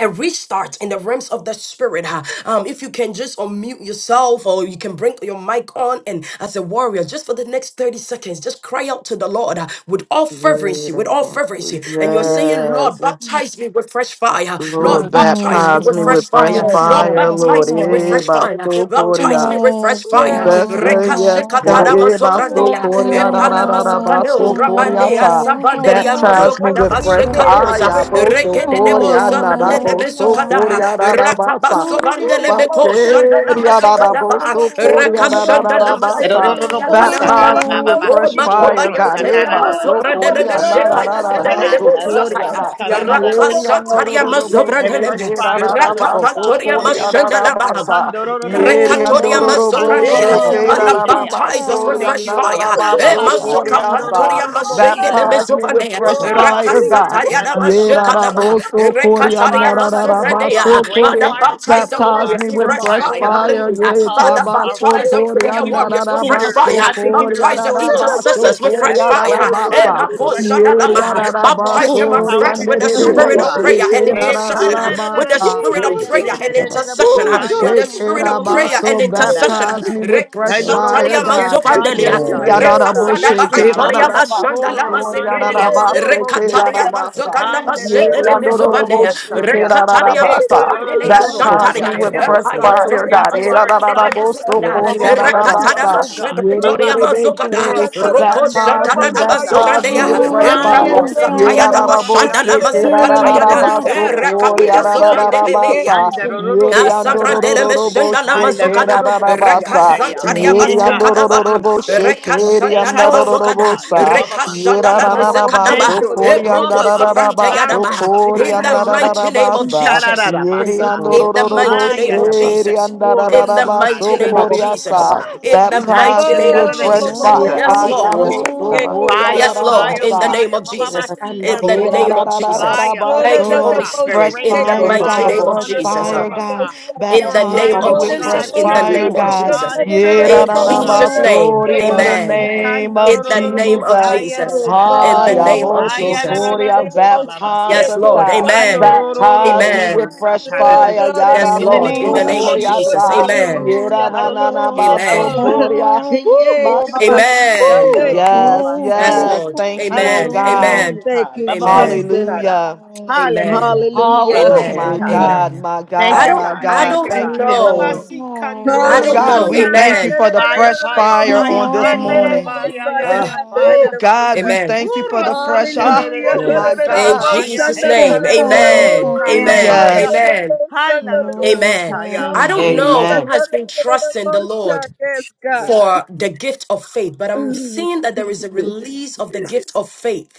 Speaker 2: a restart in the realms of the spirit. huh? Um, if you can just unmute yourself or you can bring your mic on and as a warrior, just for the next 30 seconds, just cry out to the Lord uh, with all fervency, with all fervency. And you're
Speaker 3: Hallelujah.
Speaker 2: saying,
Speaker 4: Thank
Speaker 2: Lord,
Speaker 4: you,
Speaker 1: Yes.
Speaker 4: Jesus.
Speaker 2: baptize me with fresh fire.
Speaker 3: Yes,
Speaker 1: Lord,
Speaker 2: Lord,
Speaker 4: God.
Speaker 2: baptize me
Speaker 1: baptize
Speaker 2: with
Speaker 1: me
Speaker 5: Jesus,
Speaker 1: with
Speaker 2: fresh
Speaker 1: fresh
Speaker 2: fire.
Speaker 5: Father,
Speaker 4: Yes,
Speaker 2: Lord,
Speaker 5: we
Speaker 1: fire,
Speaker 4: God.
Speaker 5: thank
Speaker 4: Do
Speaker 1: Lord.
Speaker 4: the
Speaker 2: baptize me
Speaker 4: most
Speaker 2: with
Speaker 5: you.
Speaker 1: Eh,
Speaker 2: fresh
Speaker 4: shunda
Speaker 2: fire.
Speaker 4: the the
Speaker 1: baso
Speaker 4: most
Speaker 2: Baptize
Speaker 1: coria,
Speaker 2: me
Speaker 4: high.
Speaker 2: with fresh
Speaker 1: Ooh,
Speaker 5: Oh,
Speaker 2: fire.
Speaker 4: Yes,
Speaker 3: hallelujah.
Speaker 1: Best
Speaker 4: God.
Speaker 1: day,
Speaker 4: Do
Speaker 1: yes,
Speaker 4: The
Speaker 1: God. Eh,
Speaker 4: most shunda
Speaker 3: Thank
Speaker 1: baso
Speaker 2: Rekashekatadamazobradeya.
Speaker 4: the the the
Speaker 1: coria, da,
Speaker 4: most
Speaker 1: da, da, da,
Speaker 4: high. Go
Speaker 1: baso
Speaker 2: Mazokados,
Speaker 4: the the the
Speaker 1: coria
Speaker 4: most
Speaker 2: Rabandia,
Speaker 1: sa.
Speaker 4: high.
Speaker 2: Sabanderia,
Speaker 4: Do the
Speaker 1: Baptize me
Speaker 2: Mazokada
Speaker 1: with
Speaker 4: most seek
Speaker 1: fresh
Speaker 4: the
Speaker 2: Bashekadoza,
Speaker 4: the
Speaker 1: fire,
Speaker 4: the most
Speaker 1: boso
Speaker 2: Rekede
Speaker 4: shunda
Speaker 2: de
Speaker 4: the the
Speaker 1: coria,
Speaker 2: Boza,
Speaker 1: na,
Speaker 4: most
Speaker 1: da,
Speaker 4: high.
Speaker 2: Randele
Speaker 4: You the
Speaker 1: boso
Speaker 4: most
Speaker 2: Mesokada,
Speaker 1: coria, da,
Speaker 4: shunda.
Speaker 1: da, basa.
Speaker 4: Woo!
Speaker 2: Rakabaso
Speaker 1: Ooh,
Speaker 2: Bandele Meko, Shandala
Speaker 1: bakeria, da, da,
Speaker 2: Mazekadaba,
Speaker 1: boso coria, da,
Speaker 3: you,
Speaker 1: da,
Speaker 3: Lord.
Speaker 1: da,
Speaker 3: Yes,
Speaker 1: da,
Speaker 3: Lord.
Speaker 2: Rakashandala
Speaker 1: basa.
Speaker 2: Mazebrandia
Speaker 7: Erororobosata,
Speaker 1: Baptize me
Speaker 2: Kadabadaba,
Speaker 1: with
Speaker 2: O
Speaker 1: fresh
Speaker 3: Yes,
Speaker 1: fire,
Speaker 2: Makobayan
Speaker 1: God. Eh,
Speaker 2: Teria
Speaker 1: baso
Speaker 7: bababasikorosata,
Speaker 2: Mazobrandele
Speaker 1: coria, na, da, da,
Speaker 2: Meshekaya
Speaker 1: da,
Speaker 2: de
Speaker 1: baso coria
Speaker 2: Bosakaya,
Speaker 1: da. Yeri
Speaker 2: Rakasataria
Speaker 7: bashandororosikanandarorosikararararobosaya.
Speaker 1: andororobo
Speaker 7: And fresh
Speaker 2: Mazobrandeleme,
Speaker 1: sheke
Speaker 7: fire upon us,
Speaker 1: rararaba
Speaker 7: O God,
Speaker 2: Rakapantoria
Speaker 7: in the
Speaker 1: sokori
Speaker 7: name of
Speaker 3: Lord.
Speaker 7: Jesus.
Speaker 2: Mashandalaba.
Speaker 1: ararabasa. Yeri
Speaker 2: Rekatoria
Speaker 3: Yes,
Speaker 1: andororobo
Speaker 3: Lord.
Speaker 2: mazovradeya.
Speaker 1: sheke
Speaker 3: Yes,
Speaker 2: Father,
Speaker 4: Jesus.
Speaker 7: Handorororobosokorosandorororobosaya.
Speaker 1: rararaba
Speaker 2: baptize us
Speaker 1: sori
Speaker 2: with
Speaker 7: Thank
Speaker 2: fresh
Speaker 7: you, Lord.
Speaker 2: fire.
Speaker 1: andararaba
Speaker 2: Eh, maso
Speaker 1: sokori
Speaker 3: Lord.
Speaker 1: asa.
Speaker 2: kampantoria mashendele
Speaker 7: Gababasikamdorororobosaya.
Speaker 1: Baptize me with
Speaker 2: mezovaneya.
Speaker 4: Come
Speaker 1: fresh
Speaker 7: Oh,
Speaker 4: on,
Speaker 1: fire,
Speaker 4: see
Speaker 1: God.
Speaker 2: Rakasataria da mashekadaba.
Speaker 7: babasikandararararobosaya.
Speaker 4: you.
Speaker 7: Fresh
Speaker 1: Yerarabosokoria,
Speaker 2: Rekataria
Speaker 7: fire upon us, O God.
Speaker 2: masovradeya.
Speaker 7: Rain
Speaker 2: Father,
Speaker 7: fire upon
Speaker 2: baptize
Speaker 7: us,
Speaker 2: the
Speaker 7: O
Speaker 1: Baptize
Speaker 2: warriors
Speaker 7: God.
Speaker 1: me
Speaker 2: with
Speaker 1: with
Speaker 2: fresh
Speaker 3: Yamba,
Speaker 7: Purify
Speaker 1: fresh
Speaker 7: us,
Speaker 3: oh,
Speaker 2: fire.
Speaker 7: God.
Speaker 1: fire.
Speaker 2: Hallelujah.
Speaker 7: Cause
Speaker 2: Father,
Speaker 7: us our
Speaker 2: baptize
Speaker 7: flesh
Speaker 2: the
Speaker 1: Yerabasokoria,
Speaker 2: prayer
Speaker 3: yamba,
Speaker 7: to be
Speaker 2: warriors with fresh
Speaker 7: hindered,
Speaker 2: fire.
Speaker 7: not to hinder
Speaker 1: narabasokoria,
Speaker 2: Baptize
Speaker 7: us,
Speaker 2: the
Speaker 7: O
Speaker 3: yes,
Speaker 7: God.
Speaker 2: intercessors with fresh
Speaker 7: Ask
Speaker 1: narabasokoria,
Speaker 7: you to
Speaker 2: fire. Eh,
Speaker 7: override
Speaker 1: narabasa.
Speaker 7: our flesh, O God.
Speaker 3: yes,
Speaker 7: We
Speaker 3: yes,
Speaker 7: have
Speaker 2: makosadalama.
Speaker 5: Oh,
Speaker 7: the
Speaker 2: Baptize
Speaker 3: yes,
Speaker 7: authority
Speaker 2: them
Speaker 7: and power
Speaker 1: Yerarabasoria,
Speaker 2: afresh
Speaker 7: to
Speaker 2: with the
Speaker 7: do so,
Speaker 3: I am
Speaker 4: Oh
Speaker 7: O
Speaker 2: spirit
Speaker 3: Baba.
Speaker 4: God,
Speaker 2: of
Speaker 7: God.
Speaker 1: nererebeshe,
Speaker 2: prayer and
Speaker 7: Oh,
Speaker 4: yes,
Speaker 7: Baba,
Speaker 2: intercession. With
Speaker 7: da
Speaker 2: the
Speaker 1: kerarabasa.
Speaker 4: yes,
Speaker 2: spirit
Speaker 6: You
Speaker 2: of
Speaker 4: oh
Speaker 7: Ekalelelelebosaya,
Speaker 6: said
Speaker 4: God,
Speaker 2: prayer and
Speaker 1: Ooh,
Speaker 2: intercession intercession uh,
Speaker 4: oh
Speaker 1: I
Speaker 3: Mm,
Speaker 2: with
Speaker 4: God,
Speaker 2: the
Speaker 1: shake it
Speaker 2: spirit of
Speaker 7: Oh, da.
Speaker 3: Yes,
Speaker 1: up,
Speaker 2: prayer
Speaker 1: so
Speaker 2: and intercession. uh,
Speaker 1: baptize me with fresh
Speaker 7: Hey, no, no, no,
Speaker 1: fire,
Speaker 2: Rekashantaria
Speaker 7: no. Yes,
Speaker 1: God.
Speaker 7: God,
Speaker 2: mazovandelia,
Speaker 7: yes,
Speaker 1: Yeah,
Speaker 7: God,
Speaker 1: yada
Speaker 7: yes,
Speaker 1: da bo
Speaker 7: God,
Speaker 2: Rekasadaba
Speaker 7: yes,
Speaker 1: shake
Speaker 3: yes, yes, yes, I'm
Speaker 1: it,
Speaker 7: God.
Speaker 1: up, da
Speaker 2: antoria
Speaker 3: Baba.
Speaker 1: ba
Speaker 3: Baba. Mm,
Speaker 1: so
Speaker 2: bashandala
Speaker 7: Babasikoro,
Speaker 1: for, yada da
Speaker 2: mazegrelia,
Speaker 1: ba
Speaker 4: oh
Speaker 1: shake it,
Speaker 3: Yes,
Speaker 1: up, da
Speaker 2: Rekataria
Speaker 7: sandelelelebosaya,
Speaker 1: ba
Speaker 4: Jesus,
Speaker 1: sa.
Speaker 2: mazoganda
Speaker 1: Yeah,
Speaker 2: bashendele
Speaker 3: yes,
Speaker 1: yada
Speaker 3: I'm
Speaker 1: da da
Speaker 3: Baba.
Speaker 1: bo
Speaker 2: mizovanea,
Speaker 1: shake it,
Speaker 7: handelelelebosaya.
Speaker 1: up, da
Speaker 2: Rekataria
Speaker 1: ba
Speaker 7: Hey,
Speaker 1: sa.
Speaker 3: Yes,
Speaker 2: mazobrandelia
Speaker 3: oh,
Speaker 1: Baptize
Speaker 2: shantaria,
Speaker 1: me
Speaker 7: kanorororobosaya.
Speaker 1: with
Speaker 7: Help
Speaker 3: yamba,
Speaker 1: fresh
Speaker 7: us,
Speaker 3: Baba.
Speaker 7: God, so we
Speaker 1: fire,
Speaker 2: Epayantoria
Speaker 7: can
Speaker 1: God.
Speaker 7: do
Speaker 1: Eh, da,
Speaker 7: our
Speaker 1: da, da,
Speaker 2: mazobrandele
Speaker 1: da, bo,
Speaker 7: assignments
Speaker 1: so,
Speaker 2: mizoganda,
Speaker 3: Yamba,
Speaker 1: ko,
Speaker 7: that
Speaker 1: ya,
Speaker 3: Baba.
Speaker 7: you've
Speaker 1: da, da,
Speaker 7: given
Speaker 1: ba,
Speaker 7: to
Speaker 2: Rekatada
Speaker 7: us,
Speaker 1: sa.
Speaker 7: oh God.
Speaker 1: Ye, de, de,
Speaker 2: mashebrantoria
Speaker 1: de,
Speaker 2: mazogada,
Speaker 7: Mabasikoro,
Speaker 3: Baba,
Speaker 1: de, she.
Speaker 3: Baba.
Speaker 2: Roko
Speaker 1: Baptize me,
Speaker 2: shatada
Speaker 7: satandelelelebosaya.
Speaker 1: baptize me
Speaker 3: Yes,
Speaker 2: basobrandeya,
Speaker 3: oh
Speaker 1: with
Speaker 3: God,
Speaker 1: fresh
Speaker 3: Baba,
Speaker 7: Haya,
Speaker 1: fire.
Speaker 3: Baba.
Speaker 6: Rabasa
Speaker 2: Eprakosa
Speaker 7: neroro,
Speaker 1: Ye,
Speaker 6: right
Speaker 1: da,
Speaker 2: tayada
Speaker 1: da,
Speaker 6: now.
Speaker 1: da, bo,
Speaker 2: bashandala
Speaker 1: she,
Speaker 7: koro,
Speaker 1: ke, da, da, da, da,
Speaker 2: mazekatayada,
Speaker 3: Yamba,
Speaker 1: ba,
Speaker 3: Baba.
Speaker 1: so,
Speaker 6: Yes,
Speaker 1: ko, ya,
Speaker 2: Erekabaya
Speaker 1: da, da, da,
Speaker 7: Rirarasikararoboshaya.
Speaker 2: zovrandele meya.
Speaker 3: Yamba,
Speaker 6: Yes,
Speaker 7: Handarorobosataya.
Speaker 2: Savrandele
Speaker 1: bo,
Speaker 2: meshenda na
Speaker 1: she, ke, da,
Speaker 2: mazokada
Speaker 1: da, da, ba,
Speaker 3: Yamba,
Speaker 2: reka
Speaker 1: sa.
Speaker 3: Baba.
Speaker 7: Handarorobosiataya.
Speaker 3: Yes,
Speaker 2: zantaria
Speaker 1: Ye, de, an,
Speaker 3: yes,
Speaker 1: do, do,
Speaker 2: basekada baba
Speaker 7: Yegarasata.
Speaker 1: bo, she,
Speaker 2: reka
Speaker 1: ke, de,
Speaker 2: shanda
Speaker 1: an,
Speaker 2: na
Speaker 1: do,
Speaker 3: yes,
Speaker 1: do, bo,
Speaker 2: mazokada
Speaker 7: Ekatasataya.
Speaker 1: sa.
Speaker 2: reka shanda na
Speaker 7: Bababasita.
Speaker 3: Yamba, Baba.
Speaker 2: mazekada
Speaker 3: Yes,
Speaker 1: Yerararabaso
Speaker 7: Thank
Speaker 2: ba
Speaker 7: you, Lord. Oh,
Speaker 2: eproko
Speaker 7: Baba,
Speaker 2: sabrante
Speaker 1: koriandararabaso
Speaker 2: yada
Speaker 7: Sikaro
Speaker 2: in
Speaker 7: Sataya,
Speaker 2: the
Speaker 3: God.
Speaker 4: Oh, God.
Speaker 2: mighty name of
Speaker 1: koriandararabasa.
Speaker 2: Jesus
Speaker 7: Sitarara
Speaker 5: Oh,
Speaker 3: Thank you,
Speaker 7: Basa.
Speaker 3: Jesus.
Speaker 2: in the
Speaker 1: Yeriandorororobo
Speaker 5: Oh,
Speaker 2: mighty name
Speaker 7: Haya
Speaker 2: of
Speaker 7: da bobo,
Speaker 2: Jesus
Speaker 7: oro
Speaker 2: in the
Speaker 1: sheriandararabaso
Speaker 7: satara
Speaker 2: mighty
Speaker 7: da
Speaker 2: name
Speaker 3: Yamba,
Speaker 2: of
Speaker 7: da
Speaker 3: Baba.
Speaker 1: koriasa.
Speaker 2: Jesus
Speaker 7: basita.
Speaker 2: in the
Speaker 7: Thank
Speaker 1: Baptize
Speaker 2: mighty
Speaker 7: you,
Speaker 1: me
Speaker 2: name of
Speaker 1: with
Speaker 4: Oh,
Speaker 7: karara
Speaker 4: lo- lo-
Speaker 7: di
Speaker 1: fresh
Speaker 4: lo-
Speaker 2: Jesus
Speaker 4: lo-
Speaker 1: fire.
Speaker 3: Yamba,
Speaker 2: yes
Speaker 3: Baba.
Speaker 4: lo- lo-
Speaker 2: Lord
Speaker 1: Ayabo
Speaker 4: seek
Speaker 7: satara
Speaker 1: so
Speaker 4: it. Go, no, no,
Speaker 7: Fire,
Speaker 4: no,
Speaker 2: yes
Speaker 4: no,
Speaker 2: Lord
Speaker 7: fire,
Speaker 4: no,
Speaker 2: in
Speaker 1: koriararabasa.
Speaker 2: the
Speaker 4: seek
Speaker 2: name
Speaker 7: fire.
Speaker 4: it.
Speaker 2: of
Speaker 4: Go, no,
Speaker 7: Baba
Speaker 2: Jesus
Speaker 3: I'm
Speaker 4: no,
Speaker 2: in
Speaker 4: no,
Speaker 7: Siya
Speaker 3: Baba.
Speaker 2: the
Speaker 4: no,
Speaker 1: Yeah,
Speaker 3: Baba.
Speaker 1: da,
Speaker 2: name
Speaker 1: da,
Speaker 7: Dora.
Speaker 2: of
Speaker 1: da, da, da,
Speaker 2: Jesus
Speaker 1: da,
Speaker 7: Fire,
Speaker 1: ba,
Speaker 4: no, no,
Speaker 2: Thank
Speaker 4: no,
Speaker 2: you,
Speaker 4: no, no,
Speaker 1: so,
Speaker 2: Holy
Speaker 7: Horasa.
Speaker 4: no,
Speaker 1: Fresh
Speaker 4: seek
Speaker 2: Spirit,
Speaker 7: Rain
Speaker 2: in
Speaker 4: it.
Speaker 2: the
Speaker 7: down
Speaker 4: Go, no,
Speaker 1: fire,
Speaker 3: Yamba,
Speaker 4: no,
Speaker 2: mighty
Speaker 4: no,
Speaker 3: Baba.
Speaker 1: God,
Speaker 4: no, no, no,
Speaker 7: fire
Speaker 2: name of
Speaker 7: upon
Speaker 1: fresh
Speaker 7: us,
Speaker 2: Jesus
Speaker 1: fire,
Speaker 4: no, no, no,
Speaker 1: God.
Speaker 7: Horasa.
Speaker 4: shut
Speaker 2: in
Speaker 4: up.
Speaker 2: the
Speaker 1: Baptize
Speaker 2: name
Speaker 7: Purify
Speaker 3: Yamba,
Speaker 1: me
Speaker 7: us,
Speaker 2: of
Speaker 4: Go,
Speaker 7: O
Speaker 4: no,
Speaker 1: with
Speaker 3: Baba.
Speaker 4: no, no,
Speaker 2: Jesus,
Speaker 7: God.
Speaker 1: fresh
Speaker 4: no,
Speaker 2: in the
Speaker 7: Strengthen
Speaker 1: fire,
Speaker 3: Oh,
Speaker 2: name
Speaker 7: us,
Speaker 4: seek
Speaker 2: of
Speaker 4: it.
Speaker 7: O
Speaker 4: Go,
Speaker 1: God.
Speaker 7: God.
Speaker 2: Jesus,
Speaker 4: no, no, no,
Speaker 3: I
Speaker 1: Yeah,
Speaker 7: Encourage
Speaker 3: am
Speaker 4: no,
Speaker 1: da,
Speaker 4: no,
Speaker 2: in
Speaker 7: us,
Speaker 1: da,
Speaker 4: no,
Speaker 7: O
Speaker 3: Baba.
Speaker 1: da,
Speaker 4: shut
Speaker 1: ba,
Speaker 7: God.
Speaker 2: Jesus'
Speaker 4: up. No, no, no,
Speaker 1: so,
Speaker 2: name,
Speaker 4: no,
Speaker 7: Eh,
Speaker 1: in
Speaker 4: no,
Speaker 1: the
Speaker 7: Baba
Speaker 2: amen.
Speaker 4: shut up.
Speaker 3: Yes,
Speaker 7: Sikan
Speaker 1: name
Speaker 2: In
Speaker 1: of
Speaker 2: the
Speaker 7: Dorororobo
Speaker 2: name of
Speaker 1: Jesus.
Speaker 7: Saya da
Speaker 4: Oh,
Speaker 2: Jesus,
Speaker 7: da da da
Speaker 2: in
Speaker 1: Ah,
Speaker 7: ba.
Speaker 2: the
Speaker 4: God. Seek
Speaker 1: ya,
Speaker 2: name of
Speaker 1: bo, so,
Speaker 7: Haya
Speaker 3: yes,
Speaker 7: da
Speaker 2: Jesus.
Speaker 3: yes.
Speaker 7: da
Speaker 1: Kori,
Speaker 7: da
Speaker 1: I
Speaker 7: da
Speaker 4: it.
Speaker 7: bo
Speaker 4: Go, no, no, no, no,
Speaker 7: Baba
Speaker 4: seek
Speaker 7: Siya.
Speaker 1: Baptize
Speaker 4: it.
Speaker 2: Yes,
Speaker 1: us,
Speaker 4: Go, no,
Speaker 2: Lord,
Speaker 4: no, no,
Speaker 1: God.
Speaker 2: amen.
Speaker 4: shut up.
Speaker 7: Alorororo
Speaker 1: Baptize
Speaker 4: Go.
Speaker 1: me with
Speaker 2: Amen.
Speaker 7: Korasa
Speaker 1: fresh
Speaker 7: ta
Speaker 3: You
Speaker 7: da
Speaker 4: Oh,
Speaker 7: da
Speaker 3: did
Speaker 1: fire.
Speaker 7: da.
Speaker 4: God, no, no,
Speaker 1: Yada
Speaker 2: Yes,
Speaker 4: no,
Speaker 5: Oh,
Speaker 7: In the
Speaker 4: no,
Speaker 2: Lord, in
Speaker 7: name of
Speaker 2: the
Speaker 1: boto
Speaker 4: seek
Speaker 2: name of
Speaker 4: it.
Speaker 1: koria
Speaker 4: Go, no,
Speaker 7: Jesus,
Speaker 2: Jesus,
Speaker 4: no,
Speaker 1: ta.
Speaker 4: no, no,
Speaker 2: amen.
Speaker 1: da
Speaker 7: hallelujah,
Speaker 4: shut
Speaker 1: da
Speaker 4: up. No, no,
Speaker 1: na na
Speaker 4: no, no,
Speaker 7: hallelujah,
Speaker 1: baso
Speaker 2: Amen.
Speaker 4: go.
Speaker 1: koria.
Speaker 7: hallelujah.
Speaker 1: Woo,
Speaker 4: Yeah,
Speaker 1: my
Speaker 7: Oh,
Speaker 4: God,
Speaker 7: Baba
Speaker 1: shit.
Speaker 2: Amen.
Speaker 1: Woo.
Speaker 4: thank
Speaker 7: Pitandoro
Speaker 4: you.
Speaker 6: Hallelujah.
Speaker 1: Yes,
Speaker 2: Yes,
Speaker 4: Jesus.
Speaker 7: Basaya.
Speaker 1: yes.
Speaker 2: Lord,
Speaker 1: Thank you, oh
Speaker 2: amen.
Speaker 1: God.
Speaker 2: Amen.
Speaker 7: Hallelujah.
Speaker 4: Thank you,
Speaker 7: Baba
Speaker 2: Amen.
Speaker 4: Jesus.
Speaker 7: Basara.
Speaker 1: Hallelujah.
Speaker 7: Hallelujah.
Speaker 2: Amen.
Speaker 7: Me,
Speaker 4: Hallelujah.
Speaker 7: Baba
Speaker 1: Oh, ooh, my
Speaker 2: Amen.
Speaker 6: Hallelujah.
Speaker 7: Shataya.
Speaker 1: God,
Speaker 2: Amen.
Speaker 1: my
Speaker 7: Thank
Speaker 2: I
Speaker 1: God,
Speaker 7: you,
Speaker 2: don't
Speaker 1: my
Speaker 7: God.
Speaker 2: I
Speaker 7: Thank
Speaker 1: God.
Speaker 7: you,
Speaker 4: Hallelujah.
Speaker 2: don't
Speaker 1: Thank
Speaker 7: God.
Speaker 1: you,
Speaker 2: know.
Speaker 1: Lord.
Speaker 7: Ebabasi
Speaker 2: I
Speaker 1: Oh,
Speaker 2: don't
Speaker 1: God,
Speaker 2: know.
Speaker 1: we
Speaker 4: Hallelujah.
Speaker 7: Kandorobosaya.
Speaker 1: thank you
Speaker 2: Amen.
Speaker 1: for the
Speaker 4: Hallelujah.
Speaker 7: Fire,
Speaker 1: fresh
Speaker 7: fire,
Speaker 1: fire
Speaker 7: fire.
Speaker 1: on this
Speaker 7: Handara
Speaker 1: morning.
Speaker 7: baya ya
Speaker 2: Uh,
Speaker 7: ya
Speaker 1: Oh,
Speaker 7: fire. ha.
Speaker 1: God, we
Speaker 2: amen.
Speaker 1: thank you for
Speaker 7: Uro
Speaker 1: the fresh.
Speaker 7: sante de
Speaker 1: Ah,
Speaker 7: de de
Speaker 4: Hallelujah.
Speaker 7: de
Speaker 1: Oh,
Speaker 6: Yes.
Speaker 1: my
Speaker 7: bosa
Speaker 2: In
Speaker 1: God.
Speaker 7: fire.
Speaker 2: Jesus'
Speaker 7: He
Speaker 2: name,
Speaker 7: karororo
Speaker 2: amen,
Speaker 1: Ooh,
Speaker 7: sikaya
Speaker 2: amen,
Speaker 7: fire.
Speaker 1: yes.
Speaker 2: amen,
Speaker 7: Halaroro
Speaker 2: amen.
Speaker 7: sikaya.
Speaker 2: I don't know
Speaker 1: Amen.
Speaker 2: who
Speaker 7: Amen.
Speaker 2: has been trusting the Lord
Speaker 4: Yes, God.
Speaker 2: for the gift of faith, but I'm
Speaker 4: Oh,
Speaker 2: seeing that there is a
Speaker 4: Jesus.
Speaker 2: release of the gift of faith.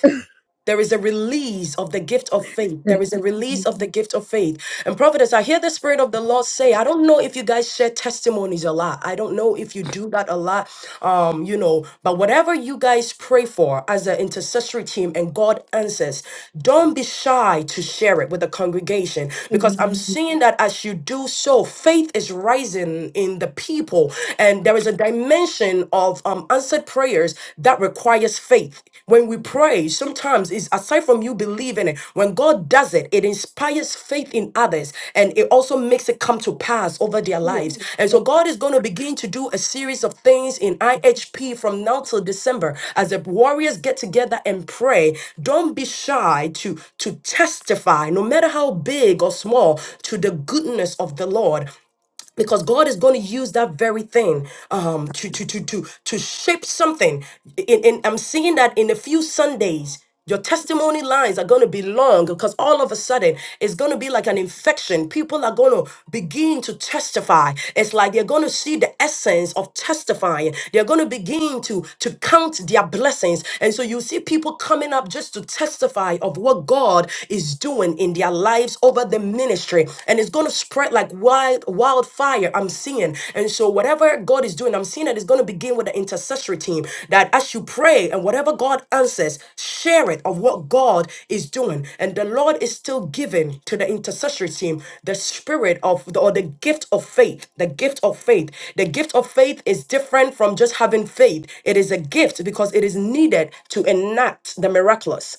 Speaker 2: There is a release of the gift of faith. There
Speaker 4: Thank
Speaker 2: is a release of the gift of faith. And prophetess, I hear the Spirit of the Lord say, I don't know if you guys share testimonies a lot. I don't know if you do that a lot, um, you know, but whatever you guys pray for as an intercessory team and God answers, don't be shy to share it with the congregation because I'm Mhm. seeing that as you do so, faith is rising in the people. And there is a dimension of of um, answered prayers that requires faith. When we pray, sometimes it's aside from you believing it, when God does it, it inspires faith in others and it also makes it come to pass over their
Speaker 4: you.
Speaker 2: lives. And so God is going to begin to do a series of things in IHP from now till December as the warriors get together and pray. Don't be shy to, to testify, no matter how big or small, to the goodness of the Lord because God is going to use that very thing um, to to to to to shape something. And, and I'm seeing that in a few Sundays. Your testimony lines are going to be long because all of a sudden it's going to be like an infection. People are going to begin to testify. It's like they're going to see the essence of testifying. They're going to begin to, to count their blessings. And so you see people coming up just to testify of what God is doing in their lives over the ministry and it's going to spread like wild wildfire i'm seeing and so whatever god is doing i'm seeing that it's going to begin with the intercessory team that as you pray and whatever god answers share it of what god is doing and the lord is still giving to the intercessory team the spirit of the, or the gift of faith the gift of faith the gift of faith is different from just having faith it is a gift because it is needed to enact the miraculous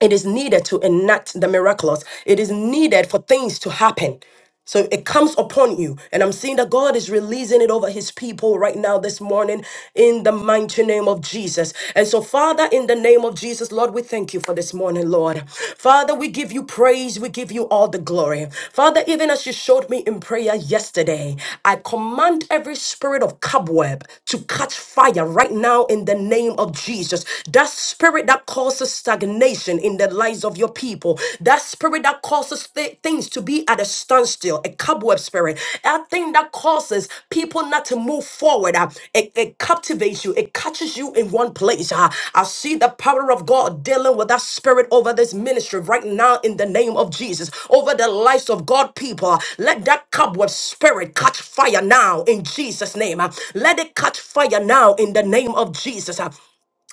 Speaker 2: it is needed to enact the miraculous. It is needed for things to happen. So it comes upon you. And I'm seeing that God is releasing it over his people right now this morning in the mighty name of Jesus. And so, Father, in the name of Jesus, Lord, we thank you for this morning, Lord. Father, we give you praise. We give you all the glory. Father, even as you showed me in prayer yesterday, I command every spirit of cobweb to catch fire right now in the name of Jesus. That spirit spirit that causes stagnation in the lives of your people, that spirit that causes thi- things to be at a standstill, a cobweb spirit, that thing that causes people not to move forward, uh, it, it captivates you, it catches you in one place. uh. I see the power of God dealing with that spirit over this ministry right now in the name of Jesus, over the lives of God people. uh. Let that cobweb spirit catch fire now in Jesus' name. uh. Let it catch fire now in the name of Jesus. uh.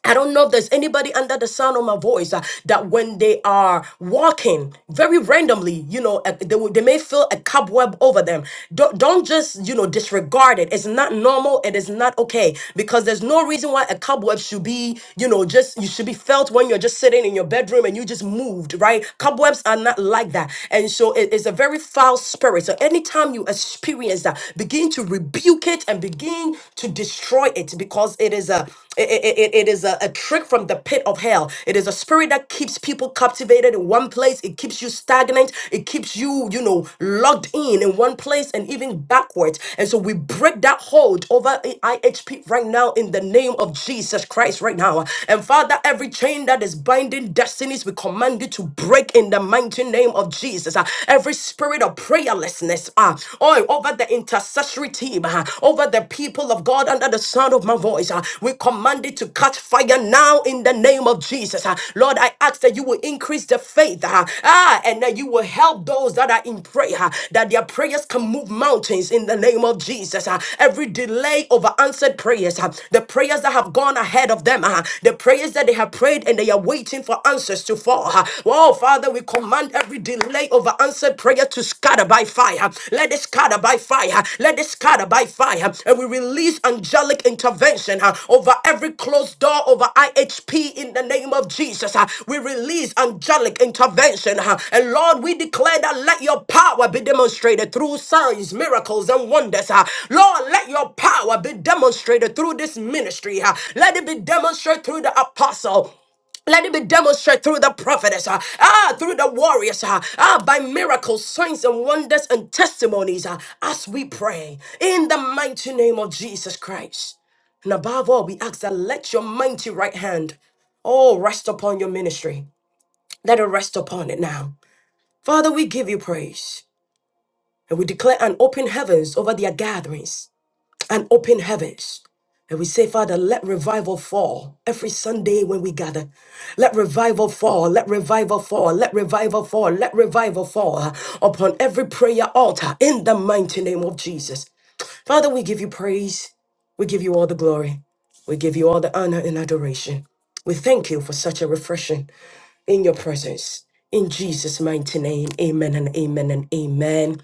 Speaker 2: I don't know if there's anybody under the sound of my voice uh, that when they are walking very randomly, you know, uh, they, will- they may feel a cobweb over them. Don't, don't just, you know, disregard it. It's not normal. It is not okay because there's no reason why a cobweb should be, you know, just, you should be felt when you're just sitting in your bedroom and you just moved, right? Cobwebs are not like that. And so it is a very foul spirit. So anytime you experience that, begin to rebuke it and begin to destroy it because it is a it, it, it it is a, a trick from the pit of hell. It is a spirit that keeps people captivated in one place. It keeps you stagnant. It keeps you, you know, locked in in one place and even backwards. And so we break that hold over I- IHP right now in the name of Jesus Christ right now. And Father, every chain that is binding destinies, we command you to break in the mighty name of Jesus. Uh, Every spirit of prayerlessness, uh, oh, over the intercession intercessory team uh, over the people of God under the sound of my voice. uh, We command it to catch fire now in the name of Jesus. uh. Lord, I ask that you will increase the faith uh, ah, and that you will help those that are in prayer, uh, that their prayers can move mountains in the name of Jesus. uh. Every delay over answered prayers, uh, the prayers that have gone ahead of them, uh, the prayers that they have prayed and they are waiting for answers to fall. uh. Oh, Father, we command every delay delay over answered prayer to scatter by fire. Let it scatter by fire. Let it scatter by fire. And we release angelic intervention uh, over every closed door over IHP in the name of Jesus. uh. We release angelic intervention. uh. And Lord, we declare that let your power be demonstrated through signs, miracles, and wonders. uh. Lord, let your power be demonstrated through this ministry. uh. Let it be demonstrated through the apostle. Let it be demonstrated through the prophetess, uh, ah, through the warriors, uh, ah, by miracles, signs, and wonders and testimonies uh, as we pray in the mighty name of Jesus Christ. And above all, we ask that let your mighty right hand oh, rest upon your ministry. Let it rest upon it now. Father, we give you praise and we declare an open heavens over their gatherings and open heavens. And we say, Father, let revival fall every Sunday when we gather. Let revival fall, let revival fall, let revival fall, let revival fall uh, upon every prayer altar in the mighty name of Jesus. Father, we give you praise. We give you all the glory. We give you all the honor and adoration. We thank you for such a refreshing in your presence. In Jesus' mighty name, amen and amen and amen.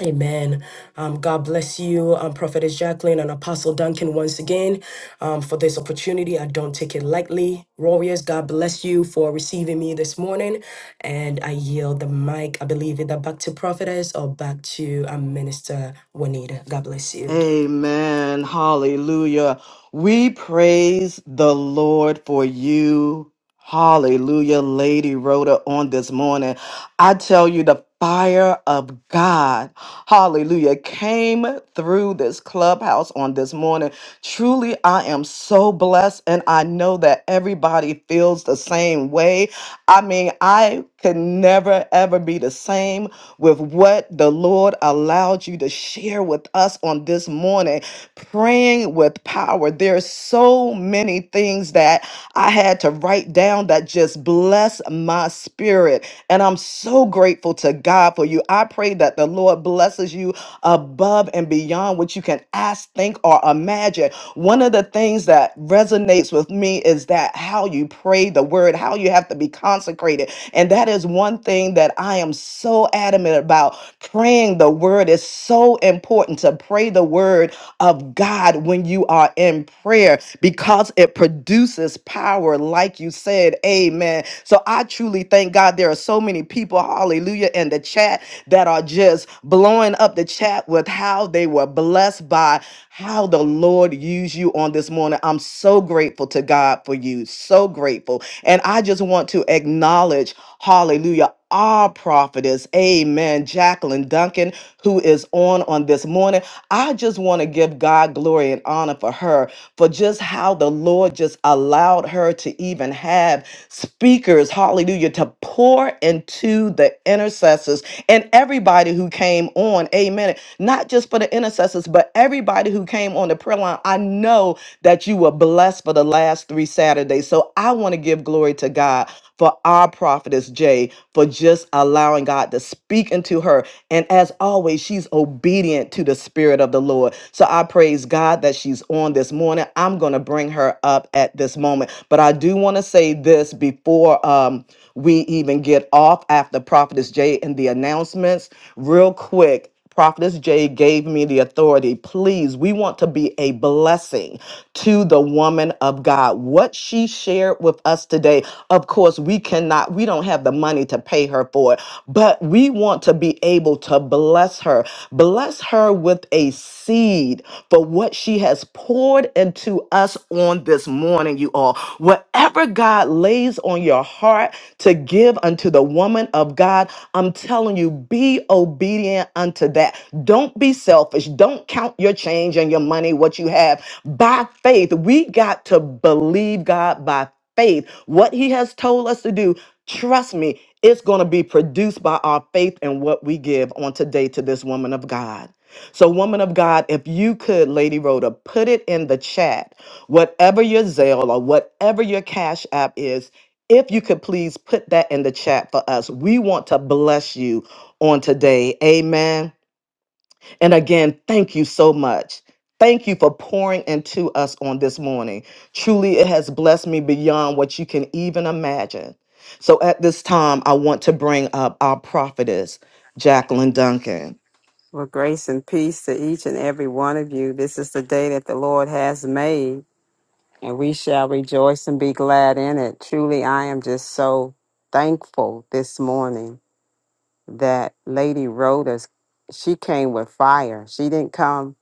Speaker 2: Amen. Um, God bless you, um, Prophetess Jacqueline and Apostle Duncan, once again um, for this opportunity. I don't take it lightly. Warriors, God bless you for receiving me this morning. And I yield the mic, I believe, either back to Prophetess or back to um, Minister Juanita. God bless you.
Speaker 1: Amen. Hallelujah. We praise the Lord for you. Hallelujah, Lady Rhoda, on this morning. I tell you, the fire of God, hallelujah, came through this clubhouse on this morning. Truly, I am so blessed, and I know that everybody feels the same way. I mean, I could never, ever be the same with what the Lord allowed you to share with us on this morning, praying with power. There are so many things that I had to write down that just bless my spirit. And I'm so grateful to God for you. I pray that the Lord blesses you above and beyond what you can ask, think, or imagine. One of the things that resonates with me is that how you pray the word, how you have to be consecrated, and that is one thing that I am so adamant about. Praying the word is so important to pray the word of God when you are in prayer because it produces power, like you said. Amen. So I truly thank God there are so many people, hallelujah, in the chat that are just blowing up the chat with how they were blessed by how the Lord used you on this morning. I'm so grateful to God for you. So grateful. And I just want to acknowledge. Hallelujah. Our prophetess, amen, Jacqueline Duncan, who is on on this morning. I just want to give God glory and honor for her, for just how the Lord just allowed her to even have speakers, hallelujah, to pour into the intercessors and everybody who came on, amen. Not just for the intercessors, but everybody who came on the prayer line. I know that you were blessed for the last three Saturdays. So I want to give glory to God for our prophetess Jay for just allowing God to speak into her. And as always, she's obedient to the Spirit of the Lord. So I praise God that she's on this morning. I'm going to bring her up at this moment. But I do want to say this before um, we even get off after Prophetess Jay and the announcements, real quick. Prophetess Jay gave me the authority. Please, we want to be a blessing to the woman of God. What she shared with us today, of course, we cannot, we don't have the money to pay her for it, but we want to be able to bless her. Bless her with a seed for what she has that's poured into us on this morning, you all. Whatever God lays on your heart to give unto the woman of God, I'm telling you, be obedient unto that. Don't be selfish. Don't count your change and your money, what you have. By faith, we got to believe God by faith. What He has told us to do, trust me, it's going to be produced by our faith and what we give on today to this woman of God. So, woman of God, if you could, Lady Rhoda, put it in the chat, whatever your Zelle or whatever your Cash App is, if you could please put that in the chat for us. We want to bless you on today. Amen. And again, thank you so much. Thank you for pouring into us on this morning. Truly, it has blessed me beyond what you can even imagine. So, at this time, I want to bring up our prophetess, Jacqueline Duncan.
Speaker 8: Well, grace and peace to each and every one of you. This is the day that the Lord has made, and we shall rejoice and be glad in it. Truly, I am just so thankful this morning that Lady Rhoda, she came with fire. She didn't come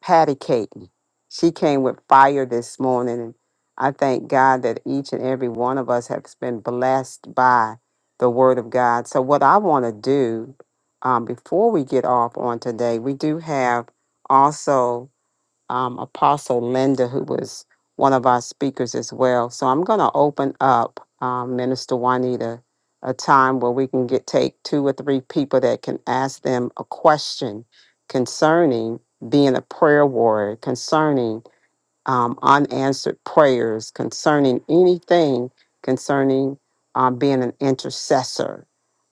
Speaker 8: Patty Caton. She came with fire this morning, and I thank God that each and every one of us has been blessed by the Word of God. So, what I want to do um, before we get off on today, we do have also um, Apostle Linda, who was one of our speakers as well. So I'm going to open up, um, Minister Juanita, a time where we can get take two or three people that can ask them a question concerning being a prayer warrior, concerning um, unanswered prayers, concerning anything concerning um, being an intercessor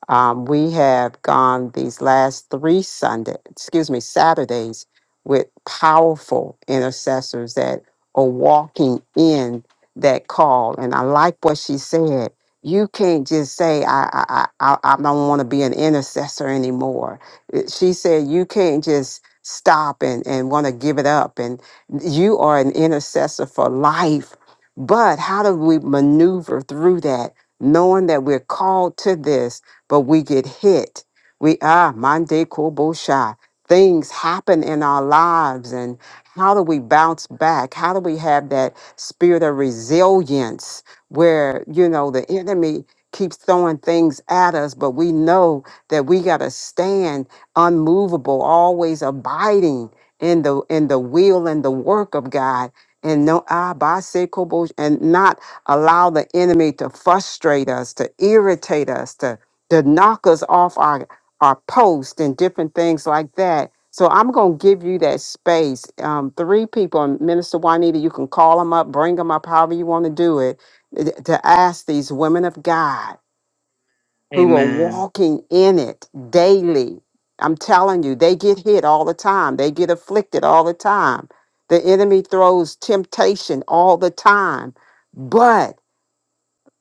Speaker 8: um, we have gone these last three Sunday, excuse me, Saturdays with powerful intercessors that are walking in that call. And I like what she said. You can't just say I I I, I I don't want to be an intercessor anymore. It- She said you can't just stop and, and want to give it up. And you are an intercessor for life. But how do we maneuver through that, knowing that we're called to this? but we get hit. We ah mande kobosha. Things happen in our lives, and how do we bounce back? How do we have that spirit of resilience where you know the enemy keeps throwing things at us, but we know that we got to stand unmovable, always abiding in the in the will and the work of God, and no ah by and not allow the enemy to frustrate us, to irritate us, to to knock us off our our post and different things like that. So I'm going to give you that space. Um, three people, and Minister Juanita, you can call them up, bring them up, however you want to do it, eh, th- to ask these women of God who are
Speaker 1: Amen.
Speaker 8: walking in it daily. I'm telling you, they get hit all the time. They get afflicted all the time. The enemy throws temptation all the time.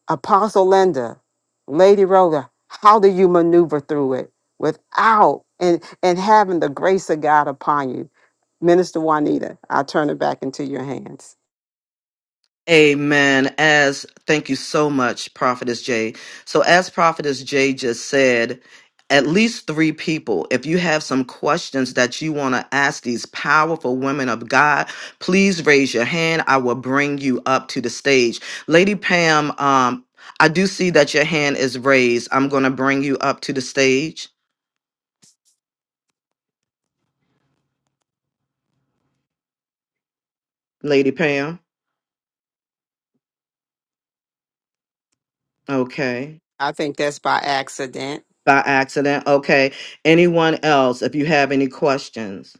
Speaker 8: Apostle Linda, Lady Rhoda, how do you maneuver through it without and and having the grace of God upon you? Minister Juanita, I'll turn it back into your hands.
Speaker 1: Amen. As thank you so much, Prophetess Jay. So, as Prophetess Jay just said, at least three people. If you have some questions that you want to ask these powerful women of God, please raise your hand. I will bring you up to the stage. Lady Pam, um, I do see that your hand is raised. I'm going to bring you up to the stage, Lady Pam. Okay.
Speaker 8: I think that's by accident.
Speaker 1: By accident. Okay. Anyone else, if you have any questions?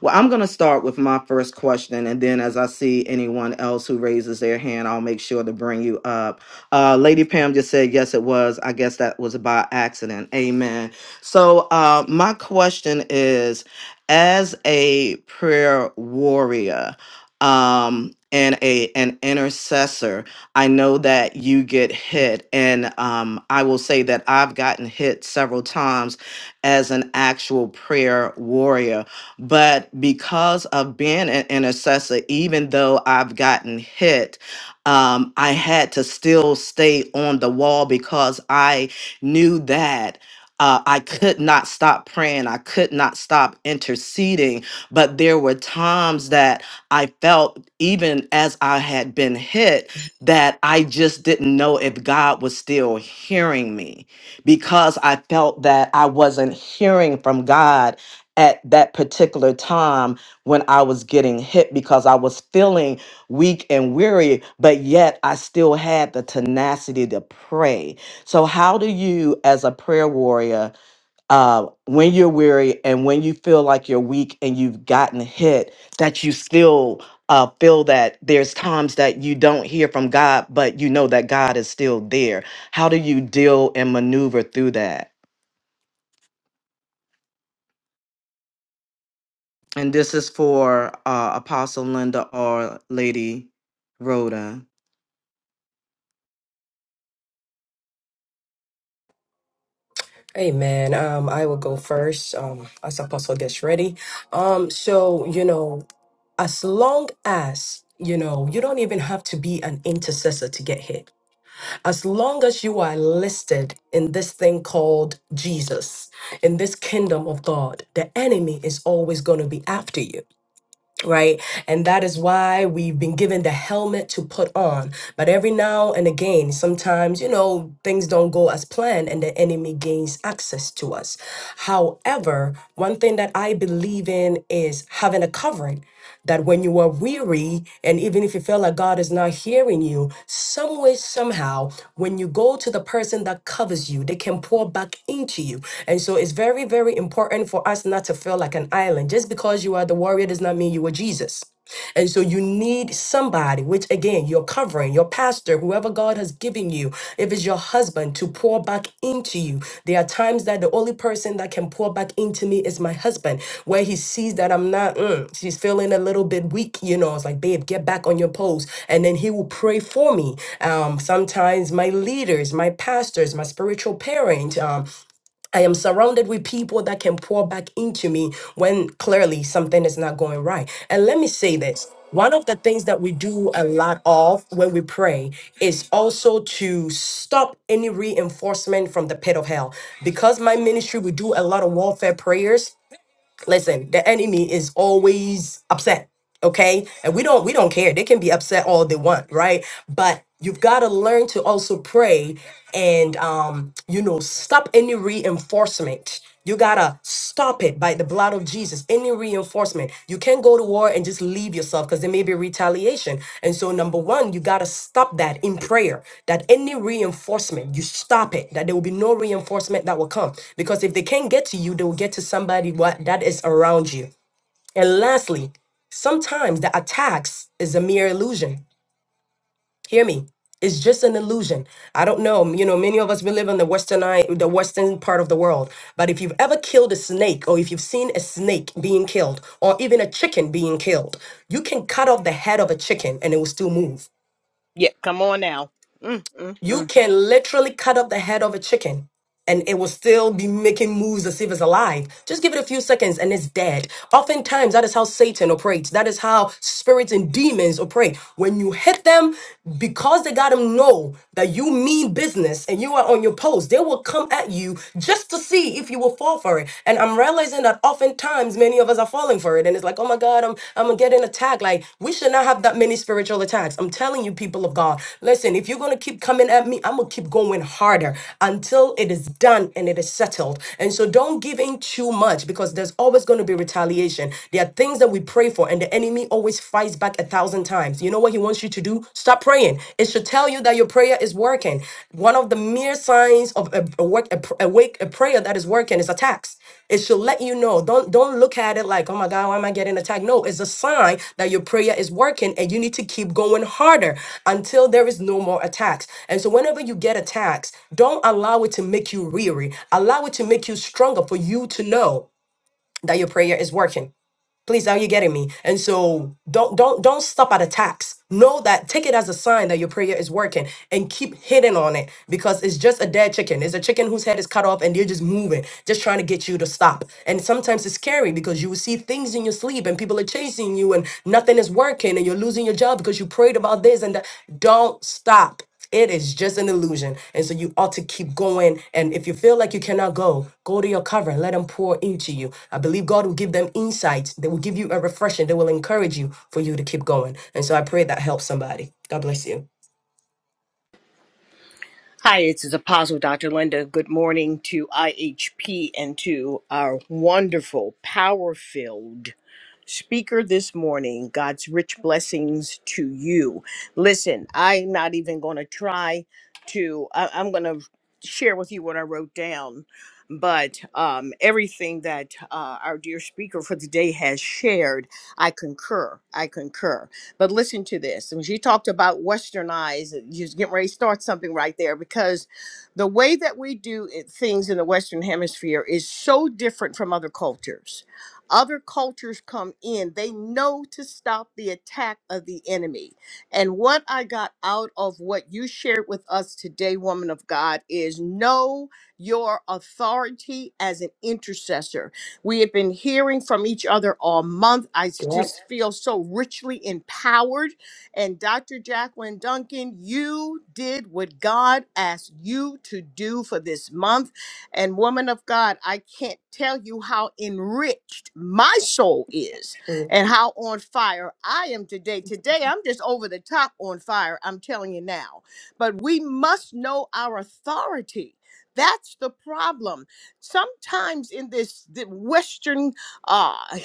Speaker 1: Well, I'm going to start with my first question, and then as I see anyone else who raises their hand, I'll make sure to bring you up. Uh, Lady Pam just said, yes, it was. I guess that was by accident. Amen. So, uh, my question is as a prayer warrior, um, and a an intercessor, I know that you get hit, and um, I will say that I've gotten hit several times as an actual prayer warrior but because of being an intercessor, even though I've gotten hit, um, I had to still stay on the wall because I knew that. Uh, I could not stop praying. I could not stop interceding. But there were times that I felt, even as I had been hit, that I just didn't know if God was still hearing me because I felt that I wasn't hearing from God at that particular time when I was getting hit because I was feeling weak and weary, but yet I still had the tenacity to pray. So, how do you, as a prayer warrior, uh, when you're weary and when you feel like you're weak and you've gotten hit, that you still uh, feel that there's times that you don't hear from God, but you know that God is still there? How do you deal and maneuver through that? And this is for uh, Apostle Linda or Lady Rhoda.
Speaker 2: Amen. Um, I will go first um, as Apostle gets ready. Um, so, you know, as long as, you know, you don't even have to be an intercessor to get hit as long as you are listed in this thing called Jesus, in this kingdom of God, the enemy is always going to be after you, right? And that is why we've been given the helmet to put on. But every now and again, sometimes, you know, things don't go as planned and the enemy gains access to us. However, one thing that I believe in is having a covering that when you are weary, and even if you feel like God is not hearing you, some way, somehow, when you go to the person that covers you, they can pour back into you. And so it's very, very important for us not to feel like an island. Just because you are the warrior does not mean you are Jesus. And so you need somebody, which again, your covering, your pastor, whoever God has given you, if it's your husband, to pour back into you. There are times that the only person that can pour back into me is my husband, where he sees that I'm not, mm, she's feeling a little bit weak, you know. It's like, babe, get back on your post. And then he will pray for me. Um, sometimes my leaders, my pastors, my spiritual parent, um, I am surrounded with people that can pour back into me when clearly something is not going right. And let me say this one of the things that we do a lot of when we pray is also to stop any reinforcement from the pit of hell. Because my ministry, we do a lot of warfare prayers listen the enemy is always upset okay and we don't we don't care they can be upset all they want right but you've got to learn to also pray and um you know stop any reinforcement you gotta stop it by the blood of jesus any reinforcement. You can't go to war and just leave yourself because there may be retaliation. And so, number one, you got to stop that in prayer. That any reinforcement, you stop it. That there will be no reinforcement that will come. Because if they can't get to you, they will get to somebody what that is around you. And lastly, sometimes the attacks is a mere illusion hear me it's just an illusion i don't know you know many of us we live in the western i- the western part of the world but if you've ever killed a snake or if you've seen a snake being killed or even a chicken being killed you can cut off the head of a chicken and it will still move
Speaker 7: Yeah, come on now. Mm, mm, mm.
Speaker 2: you can literally cut up the head of a chicken and it will still be making moves to see if it's alive. Just give it a few seconds and it's dead. Oftentimes, that is how Satan operates. That is how spirits and demons operate. When you hit them, because they got them know that you mean business and you are on your post, they will come at you just to see if you will fall for it. And I'm realizing that oftentimes, times many of us are falling for it and it's like oh my god i'm i'm getting attacked like we should not have that many spiritual attacks i'm telling you people of god listen if you're going to keep coming at me i'm going to keep going harder until it is done and it is settled and so don't give in too much because there's always going to be retaliation there are things that we pray for and the enemy always fights back a thousand times you know what he wants you to do stop praying it should tell tell you that your prayer is working. One of the mere signs of a, a work, a, pr- a wake, a prayer that is working is attacks. It should let you know. Don't don't look at it like, oh my God, why am I getting attacked? No, it's a sign that your prayer is working, and you need to keep going harder until there is no more attacks. And so, whenever you get attacks, don't allow it to make you weary. Allow it to make you stronger for you to know that your prayer is working. Please, are you getting me? And so don't don't don't stop at attacks. Know that take it as a sign that your prayer is working and keep hitting on it because it's just a dead chicken. It's a chicken whose head is cut off and they're just moving, just trying to get you to stop. And sometimes it's scary because you will see things in your sleep and people are chasing you and nothing is working and you're losing your job because you prayed about this and that. Don't stop. It is just an illusion. And so you ought to keep going. And if you feel like you cannot go, go to your cover and let them pour into you. I believe God will give them insights. They will give you a refreshing. They will encourage you for you to keep going. And so I pray that helps somebody. God bless you.
Speaker 7: Hi, it's is Apostle Dr. Linda. Good morning to IHP and to our wonderful, power filled speaker this morning. God's rich blessings to you. Listen, I'm not even going to try to, I, am going to share with you what I wrote down, but um, everything that uh, our dear speaker for the day has shared, I concur. I concur. But listen to this. When she talked about westernized, she's getting ready to start something right there because the way that we do it, things in the Western Hemisphere is so different from other cultures other cultures come in, they know to stop the attack of the enemy. And what I got out of what you shared with us today, woman of God, is know your authority as an intercessor. We have been hearing from each other all month. I s-
Speaker 2: Yep.
Speaker 7: just feel so richly empowered. And Dr. Jacqueline Duncan, you did what God asked you to do for this month and woman of God, I can't tell you how enriched my soul is
Speaker 2: Mm,
Speaker 7: and how on fire I am today. Today, I'm just over the top on fire, I'm telling you now. But we must know our authority. That's the problem. Sometimes in this the Western uh,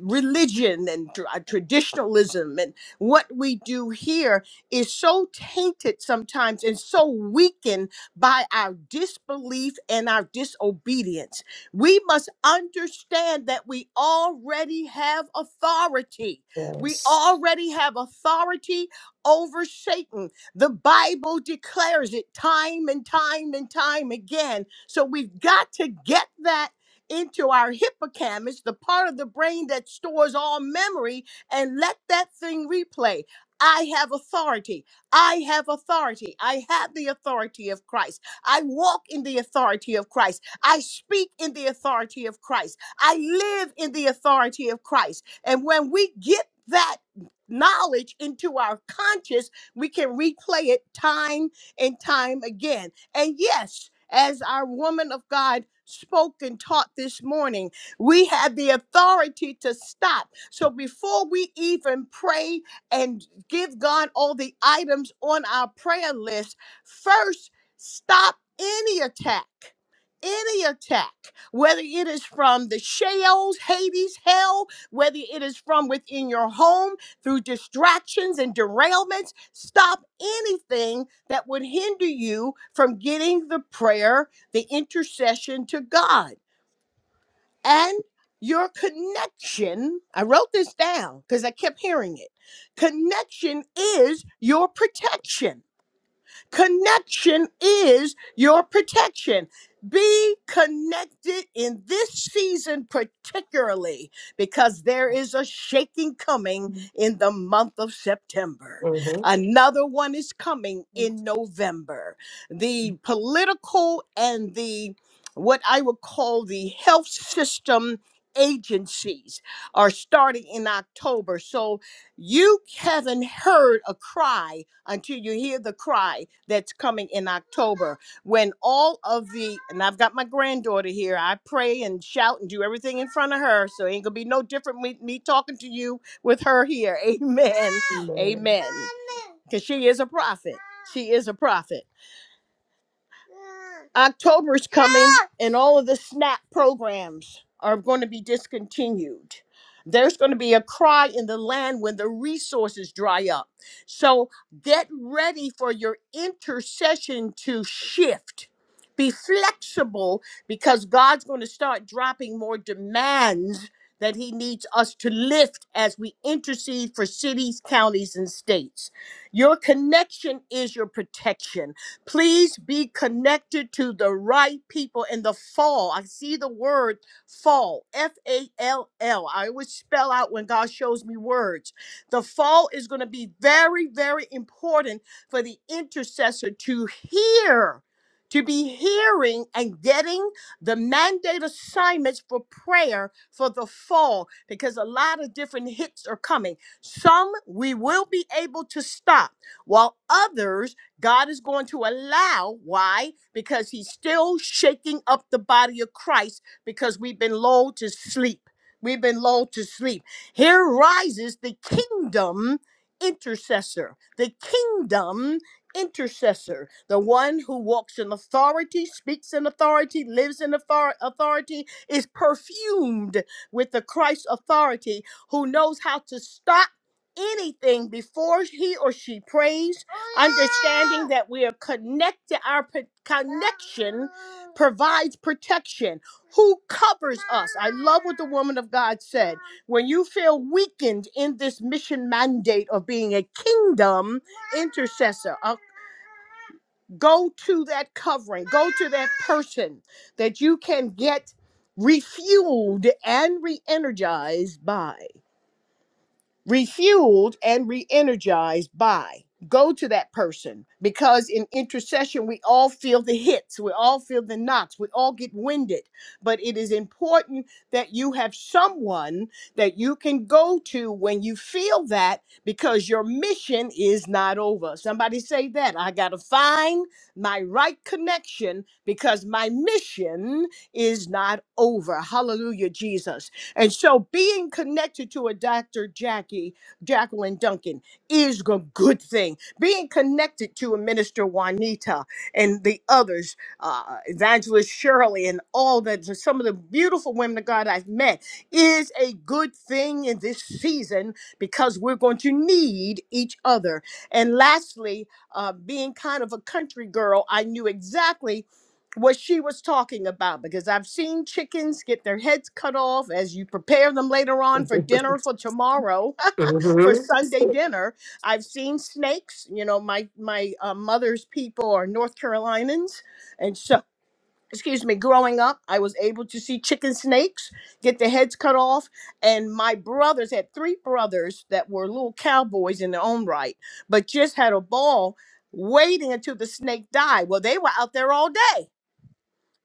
Speaker 7: religion and tr- uh, traditionalism and what we do here is so tainted sometimes and so weakened by our disbelief and our disobedience. We must understand that we already have authority. We
Speaker 2: Yes.
Speaker 7: already have authority over Satan. The Bible declares it time and time and time again. So we've got to get that into our hippocampus, the part of the brain that stores all memory, and let that thing replay. I have authority. I have authority. I have the authority of Christ. I walk in the authority of Christ. I speak in the authority of Christ. I live in the authority of Christ. And when we get that knowledge into our conscious, we can replay it time and time again. And yes, as our woman of God spoke and taught this morning, we have the authority to stop. So before we even pray, and give God all the items on our prayer list, first stop any attack. Any attack, whether it is from the Sheol, Hades, hell, whether it is from within your home through distractions and derailments, stop anything that would hinder you from getting the prayer, the intercession to God and your connection. I wrote this down because I kept hearing it. Connection is your protection. Connection is your protection. Be connected in this season, particularly because there is a shaking coming in the month of September.
Speaker 2: Mm-hmm.
Speaker 7: Another one is coming in November. The political and the what I would call the health system agencies are starting in October. So you haven't heard a cry until you hear the cry that's coming in October when all of the and I've got my granddaughter here. I pray and shout and do everything in front of her, so it ain't gonna be no different with me talking to you with her here. Amen. Amen. Because she is a prophet. She is a prophet. October's coming, and all of the SNAP programs are going to be discontinued. There's going to be a cry in the land when the resources dry up. So get ready for your intercession to shift. Be flexible because God's going to start dropping more demands that He needs us to lift as we intercede for cities, counties, and states. Your connection is your protection. Please be connected to the right people in the fall. I see the word fall, F A L L. I always spell out when God shows me words. The fall is going to be very, very important for the intercessor to hear, to be hearing and getting the mandate assignments for prayer for the fall because a lot of different hits are coming. Some we will be able to stop, while others God is going to allow. Why? Because he's still shaking up the body of Christ because we've been lulled to sleep. We've been lulled to sleep. Here rises the kingdom intercessor, the kingdom intercessor, the one who walks in authority, speaks in authority, lives in author- authority, is perfumed with the Christ authority, who knows how to stop anything before he or she prays, understanding that we are connected, our p- connection provides protection. Who covers us? I love what the woman of God said. When you feel weakened in this mission mandate of being a kingdom intercessor, go to that covering, go to that person that you can get refueled and re energized by refueled and re-energized by go to that person because in intercession we all feel the hits we all feel the knocks we all get winded but it is important that you have someone that you can go to when you feel that because your mission is not over somebody say that i got to find my right connection because my mission is not over hallelujah jesus and so being connected to a Dr. Jackie, Jacqueline Duncan, is a good thing. Being connected to a Minister Juanita and the others, uh, Evangelist Shirley, and all that, some of the beautiful women of God I've met, is a good thing in this season because we're going to need each other. And lastly, uh, being kind of a country girl, I knew exactly what she was talking about because I've seen chickens get their heads cut off as you prepare them later on for dinner for tomorrow for Sunday dinner. I've seen snakes. You know, my my uh, mother's people are North Carolinians, and so excuse me, growing up, I was able to see chicken snakes get their heads cut off, and my brothers had three brothers that were little cowboys in their own right, but just had a ball waiting until the snake died. Well, they were out there all day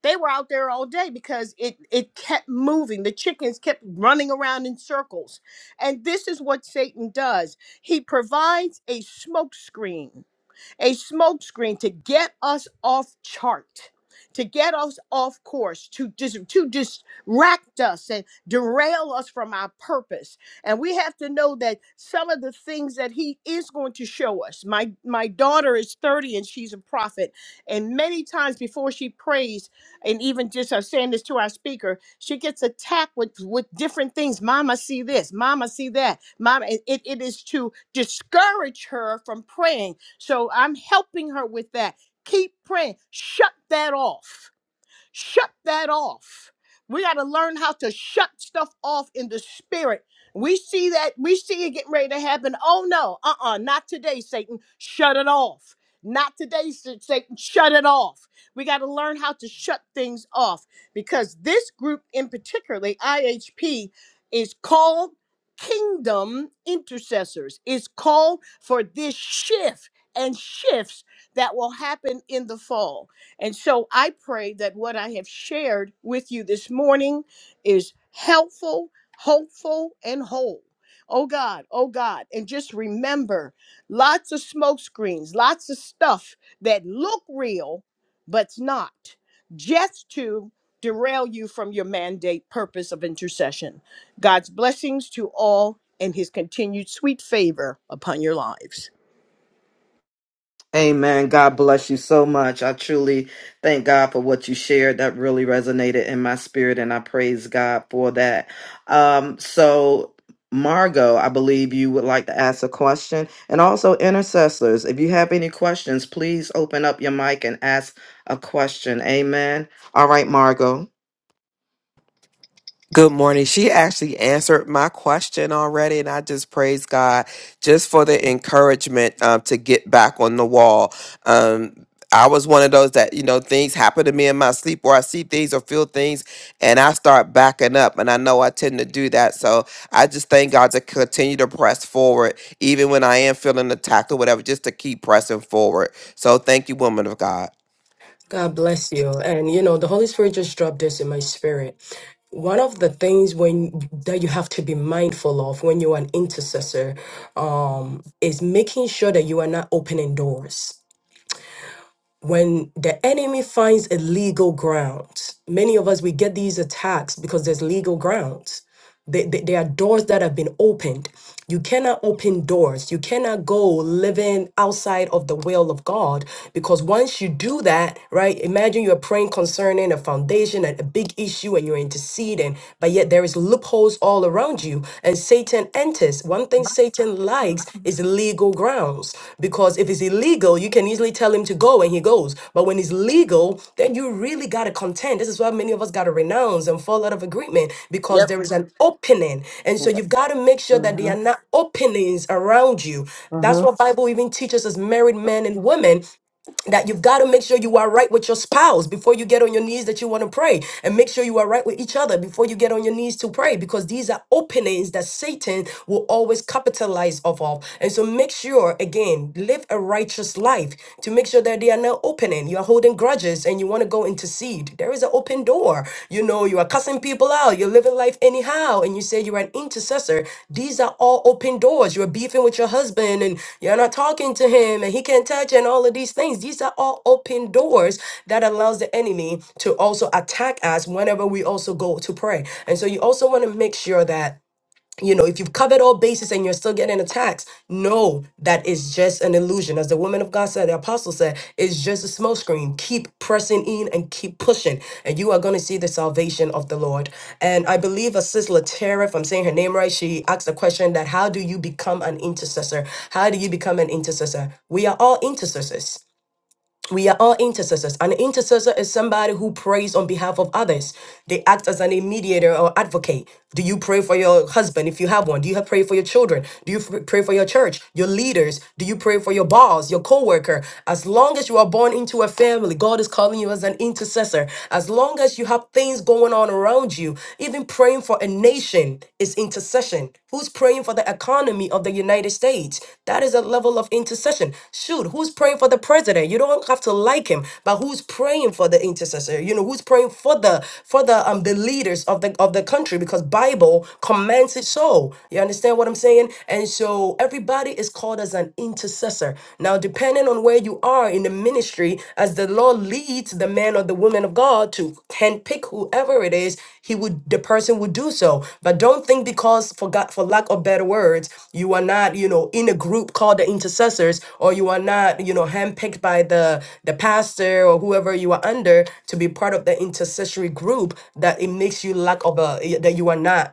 Speaker 7: they were out there all day because it it kept moving. The chickens kept running around in circles. And this is what Satan does. He provides a smokescreen a smokescreen to get us off chart, to get us off course, to just to distract us and derail us from our purpose. And we have to know that some of the things that he is going to show us. My my daughter is 30 and she's a prophet. And many times before she prays, and even just uh, saying this to our speaker, she gets attacked with, with different things. Mama, see this, mama, see that. Mama, it, it it is to discourage her from praying so I'm helping her with that. Keep praying. Shut that off Shut that off. We got to learn how to shut stuff off in the spirit. We see that, we see it getting ready to happen. Oh no, uh uh not today, Satan. Shut it off. Not today, Sa- Satan. Shut it off. We got to learn how to shut things off because this group, in particularly IHP, is called kingdom intercessors. It's called for this shift and shifts that will happen in the fall. And so I pray that what I have shared with you this morning is helpful, hopeful, and whole. Oh God, oh God. And just remember lots of smoke screens, lots of stuff that look real, but's not, just to derail you from your mandate purpose of intercession. God's blessings to all and his continued sweet favor upon your lives.
Speaker 1: Amen. God bless you so much. I truly thank God for what you shared. That really resonated in my spirit, and I praise God for that. Um, so, Margot, I believe you would like to ask a question. And also, intercessors, if you have any questions, please open up your mic and ask a question. Amen. All right, Margot.
Speaker 9: Good morning. She actually answered my question already, and I just praise God just for the encouragement um, to get back on the wall. Um, I was one of those that, you know, things happen to me in my sleep where I see things or feel things and I start backing up. And I know I tend to do that. So I just thank God to continue to press forward, even when I am feeling attacked or whatever, just to keep pressing forward. So thank you, woman of God.
Speaker 2: God bless you. And you know, the Holy Spirit just dropped this in my spirit. One of the things when that you have to be mindful of when you're an intercessor um, is making sure that you are not opening doors when the enemy finds a legal ground, many of us we get these attacks because there's legal grounds. They, they, there are doors that have been opened. You cannot open doors. You cannot go living outside of the will of God because once you do that, right? Imagine you're praying concerning a foundation and a big issue and you're interceding, but yet there is loopholes all around you and Satan enters. One thing Satan likes things is legal grounds. Because if it's illegal, you can easily tell him to go and he goes. But when it's legal, then you really got to contend. This is why many of us got to renounce and fall out of agreement because
Speaker 7: Yep.
Speaker 2: there is an opening. And so
Speaker 7: Yep.
Speaker 2: you've got to make sure that there
Speaker 7: Mhm.
Speaker 2: are not openings around you. That's what Bible even teaches as married men and women that you've got to make sure you are right with your spouse before you get on your knees that you want to pray and make sure you are right with each other before you get on your knees to pray because these are openings that satan will always capitalize off of and so make sure again live a righteous life to make sure that they are not opening you are holding grudges and you want to go intercede there is an open door door. You know, you are cussing people out. You're living life anyhow. And you say you're an intercessor. These are all open doors. You're beefing with your husband and you're not talking to him and he can't touch you and all of these things. These are all open doors that allows the enemy to also attack us whenever we also go to pray. And so you also want to make sure that you know, if you've covered all bases and you're still getting attacks, no, that is just an illusion. As the woman of God said, the apostle said, it's just a smokescreen." Keep pressing in and keep pushing, and you are going to see the salvation of the Lord. And I believe a sister Tara, if I'm saying her name right, she asked the question that how do you become an intercessor? How do you become an intercessor? We are all intercessors. We are all intercessors. An intercessor is somebody who prays on behalf of others. They act as an mediator or advocate. Do you pray for your husband if you have one? Do you have pray for your children? Do you f- pray for your church, your leaders? Do you pray for your boss, your coworker? As long as you are born into a family, God is calling you as an intercessor. As long as you have things going on around you, even praying for a nation is intercession. Who's praying for the economy of the United States? That is a level of intercession. Shoot, who's praying for the president? You don't have to like him, but who's praying for the intercessor? You know, who's praying for the for the um the leaders of the of the country because Bible commands it so. You understand what I'm saying? And so everybody is called as an intercessor. Now, depending on where you are in the in ministry as the Lord leads the man or the woman of God to handpick whoever it is, he would the person would do so. But don't think because for God, for lack of better words, you are not, you know, in a group called the intercessors, or you are not, you know, handpicked by the the pastor or whoever you are under to be part of the intercessory group that it makes you lack of a that you are not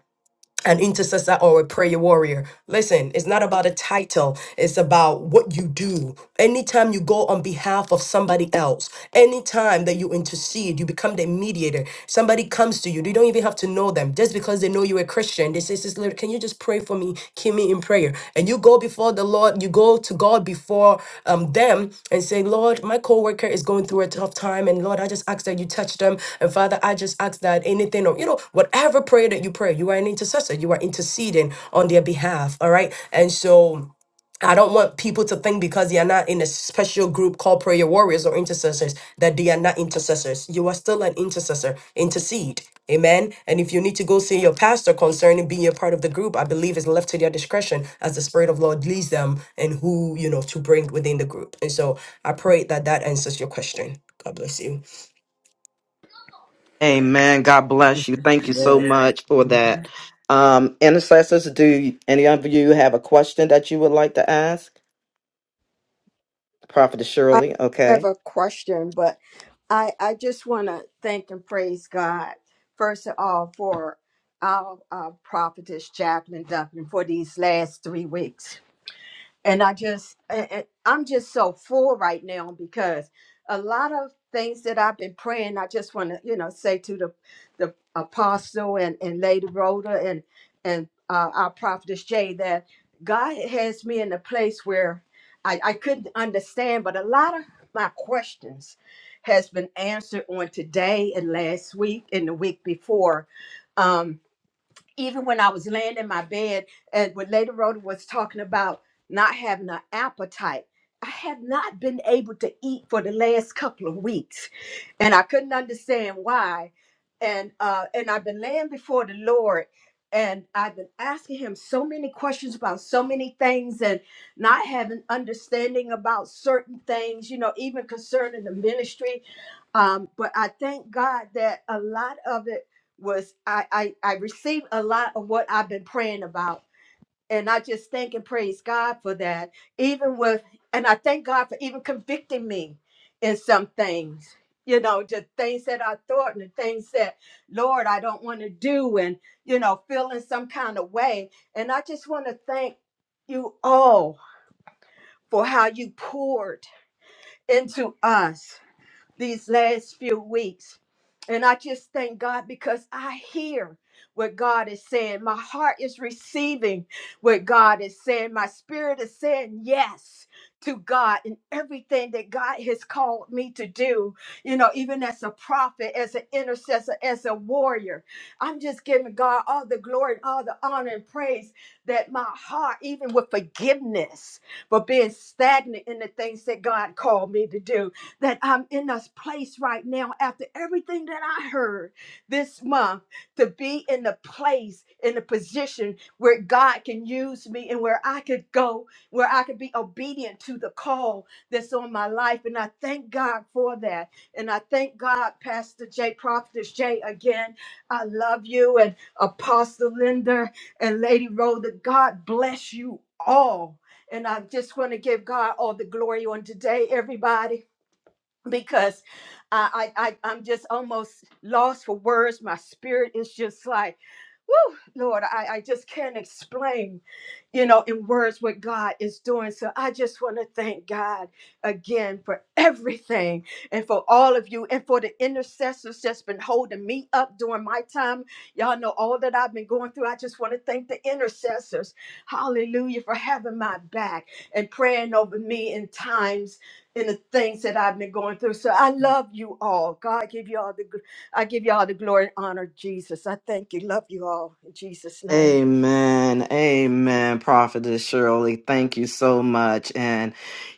Speaker 2: an intercessor or a prayer warrior. Listen, it's not about a title, it's about what you do. Anytime you go on behalf of somebody else, anytime that you intercede, you become the mediator. Somebody comes to you, they don't even have to know them. Just because they know you're a Christian, they say, Sister, Lyra, can you just pray for me? Keep me in prayer. And you go before the Lord, you go to God before um, them and say, Lord, my coworker is going through a tough time. And Lord, I just ask that you touch them. And Father, I just ask that anything or, you know, whatever prayer that you pray, you are an intercessor, you are interceding on their behalf. All right. And so, I don't want people to think because you're not in a special group called prayer warriors or intercessors that they are not intercessors. You are still an intercessor. Intercede. Amen. And if you need to go see your pastor concerning being a part of the group, I believe is left to their discretion as the Spirit of Lord leads them and who, you know, to bring within the group. And so I pray that that answers your question. God bless you.
Speaker 1: Amen. God bless you. Thank you so
Speaker 7: Mhm.
Speaker 1: much for
Speaker 7: Yes.
Speaker 1: that. Um, intercessors, do any of you have a question that you would like to ask? Prophet
Speaker 4: I
Speaker 1: Shirley,
Speaker 4: have
Speaker 1: okay.
Speaker 4: a question, but I, I just want to thank and praise God, first of all, for our uh, prophetess, Chaplain Duncan, for these last three weeks and I just a- a- I'm just so full right now because a lot of things that I've been praying, I just want to you know say to the the apostle and and Lady Rhoda and and uh, our prophetess Jay that God has me in a place where I, I couldn't understand, but a lot of my questions has been answered on today and last week and the week before. Um, even when I was laying in my bed and when Lady Rhoda was talking about not having an appetite, I had not been able to eat for the last couple of weeks. And I couldn't understand why. And uh and I've been laying before the Lord and I've been asking him so many questions about so many things and not having understanding about certain things, you know, even concerning the ministry. Um, but I thank God that a lot of it was I, I I received a lot of what I've been praying about. And I just thank and praise God for that. Even with and I thank God for even convicting me in some things. You know, the things that I thought and the things that, Lord, I don't want to do and, you know, feeling some kind of way. And I just want to thank you all for how you poured into us these last few weeks. And I just thank God because I hear what God is saying. My heart is receiving what God is saying. My spirit is saying yes to God and everything that God has called me to do, you know, even as a prophet, as an intercessor, as a warrior. I'm just giving God all the glory and all the honor and praise that my heart, even with forgiveness for being stagnant in the things that God called me to do that I'm in this place right now after everything that I heard this month to be in the place, in the position where God can use me and where I could go, where I could be obedient to the call that's on my life. And I thank God for that. And I thank God, Pastor Jay, Prophetess Jay, again. I love you and Apostle Linda and Lady Rhoda. God bless you all. And I just want to give God all the glory on today, everybody because I, I, I I'm just almost lost for words. My spirit is just like, whoo, Lord, I, I just can't explain, you know, in words what God is doing. So I just want to thank God again for everything and for all of you and for the intercessors that's been holding me up during my time. Y'all know all that I've been going through. I just want to thank the intercessors, hallelujah, for having my back and praying over me in times in the things that I've been going through. So I love you all. God give you all the gl- I give you all the glory and honor, Jesus. I thank you. Love you all in Jesus' name.
Speaker 1: Amen. Amen. Prophetess Shirley, thank you so much. And,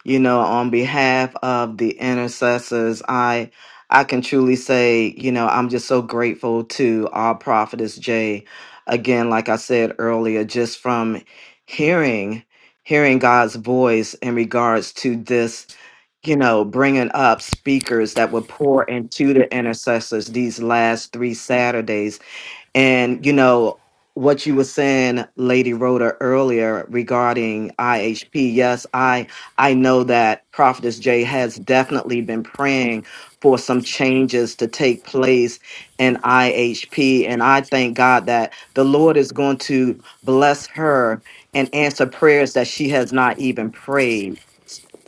Speaker 1: you know, on behalf of the intercessors, I I can truly say, you know, I'm just so grateful to our prophetess Jay. Again, like I said earlier, just from hearing hearing God's voice in regards to this, you know, bringing up speakers that would pour into the intercessors these last three Saturdays and you know what you were saying, Lady Rhoda, earlier regarding IHP. Yes, I I know that Prophetess Jay has definitely been praying for some changes to take place in IHP, and I thank God that the Lord is going to bless her and answer prayers that she has not even prayed.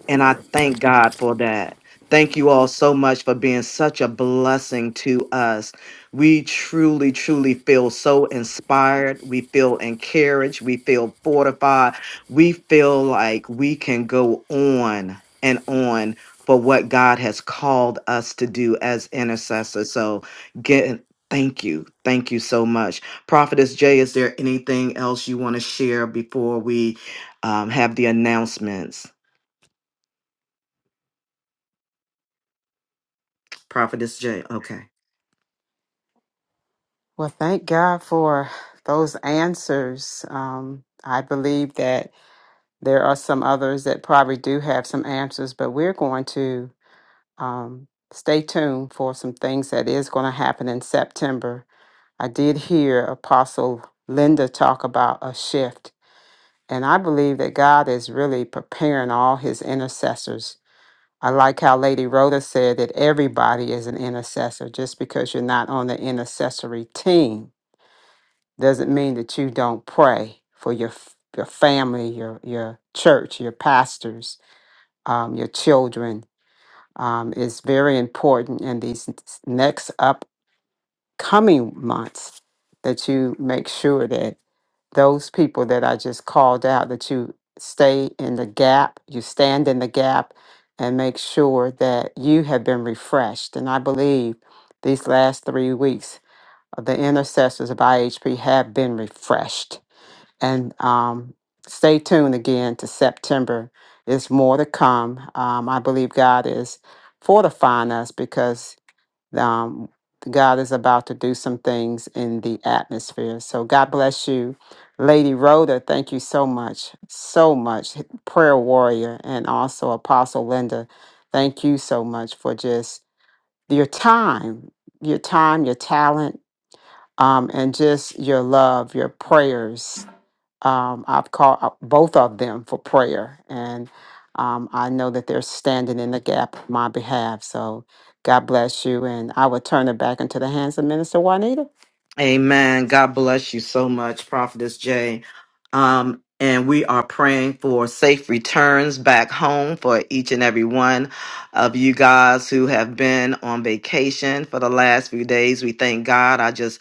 Speaker 1: And I thank God for that. Thank you all so much for being such a blessing to us. We truly, truly feel so inspired. We feel encouraged. We feel fortified. We feel like we can go on and on for what God has called us to do as intercessors. So, get thank you. Thank you so much. Prophetess Jay, is there anything else you want to share before we um, have the announcements? Prophetess Jay, okay.
Speaker 8: Well, thank God for those answers. Um, I believe that there are some others that probably do have some answers, but we're going to um, stay tuned for some things that is going to happen in September. I did hear Apostle Linda talk about a shift, and I believe that God is really preparing all his intercessors. I like how Lady Rhoda said that everybody is an intercessor. Just because you're not on the intercessory team doesn't mean that you don't pray for your f- your family, your your church, your pastors, um, your children. Um, it's very important in these next upcoming months that you make sure that those people that I just called out that you stay in the gap, you stand in the gap and make sure that you have been refreshed. And I believe these last three weeks of the intercessors of IHP have been refreshed. And um, stay tuned again to September. There's more to come. Um, I believe God is fortifying us because um, God is about to do some things in the atmosphere. So God bless you, Lady Rhoda. Thank you so much, so much, prayer warrior, and also Apostle Linda. Thank you so much for just your time, your time, your talent, um, and just your love, your prayers um, I've called out both of them for prayer, and um, I know that they're standing in the gap on my behalf. So God bless you, and I will turn it back into the hands of Minister Juanita.
Speaker 1: Amen. God bless you so much, Prophetess Jay. Um, and we are praying for safe returns back home for each and every one of you guys who have been on vacation for the last few days. We thank God. I just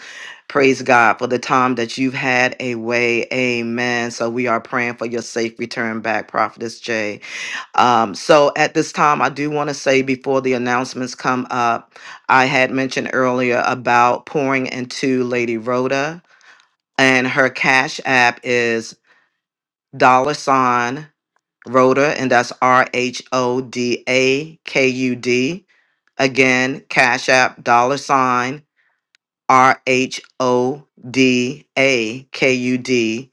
Speaker 1: praise God for the time that you've had away. Amen. So we are praying for your safe return back, Prophetess Jay. Um, so at this time, I do want to say before the announcements come up, I had mentioned earlier about pouring into Lady Rhoda, and her Cash App is dollar sign Rhoda, and that's R H O D A K U D. Again, Cash App dollar sign R H O D A K U D,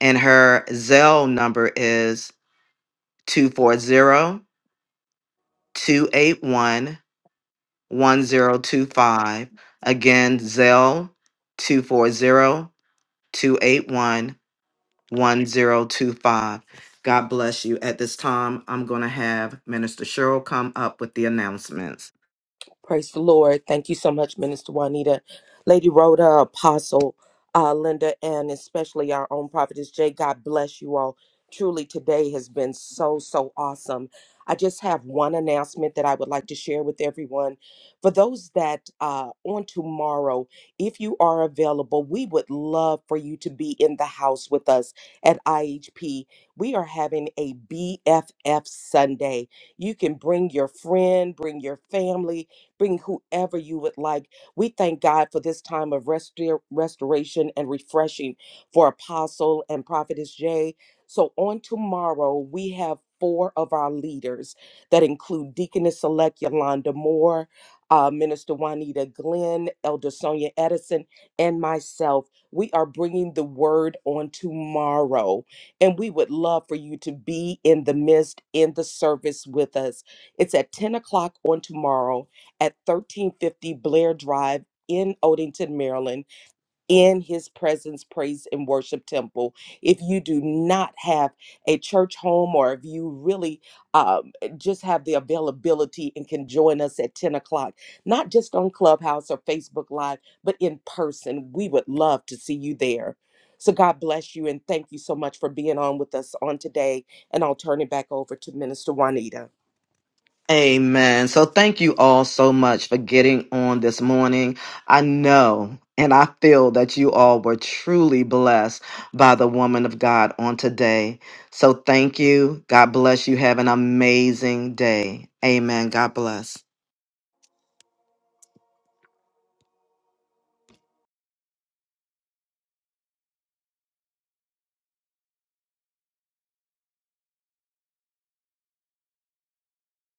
Speaker 1: and her Zelle number is 240 281. 1025. Again, Zell 240 281 1025. God bless you. At this time, I'm going to have Minister Cheryl come up with the announcements.
Speaker 3: Praise the Lord. Thank you so much, Minister Juanita, Lady Rhoda, Apostle uh, Linda, and especially our own prophetess Jay. God bless you all. Truly, today has been so, so awesome. I just have one announcement that I would like to share with everyone. For those that uh, on tomorrow, if you are available, we would love for you to be in the house with us at IHP. We are having a BFF Sunday. You can bring your friend, bring your family, Bring whoever you would like. We thank God for this time of restor- restoration and refreshing for Apostle and Prophetess Jay. So on tomorrow, we have four of our leaders that include Deaconess Select Yolanda Moore, uh, Minister Juanita Glenn, Elder Sonia Edison, and myself. We are bringing the word on tomorrow, and we would love for you to be in the midst in the service with us. It's at 10 o'clock on tomorrow at 1350 Blair Drive in Odenton, Maryland, in his presence, praise, and worship temple. If you do not have a church home or if you really um, just have the availability and can join us at 10 o'clock, not just on Clubhouse or Facebook Live, but in person, we would love to see you there. So God bless you and thank you so much for being on with us on today. And I'll turn it back over to Minister Juanita.
Speaker 1: Amen. So thank you all so much for getting on this morning. I know and I feel that you all were truly blessed by the woman of God on today. So thank you. God bless you. Have an amazing day. Amen. God bless.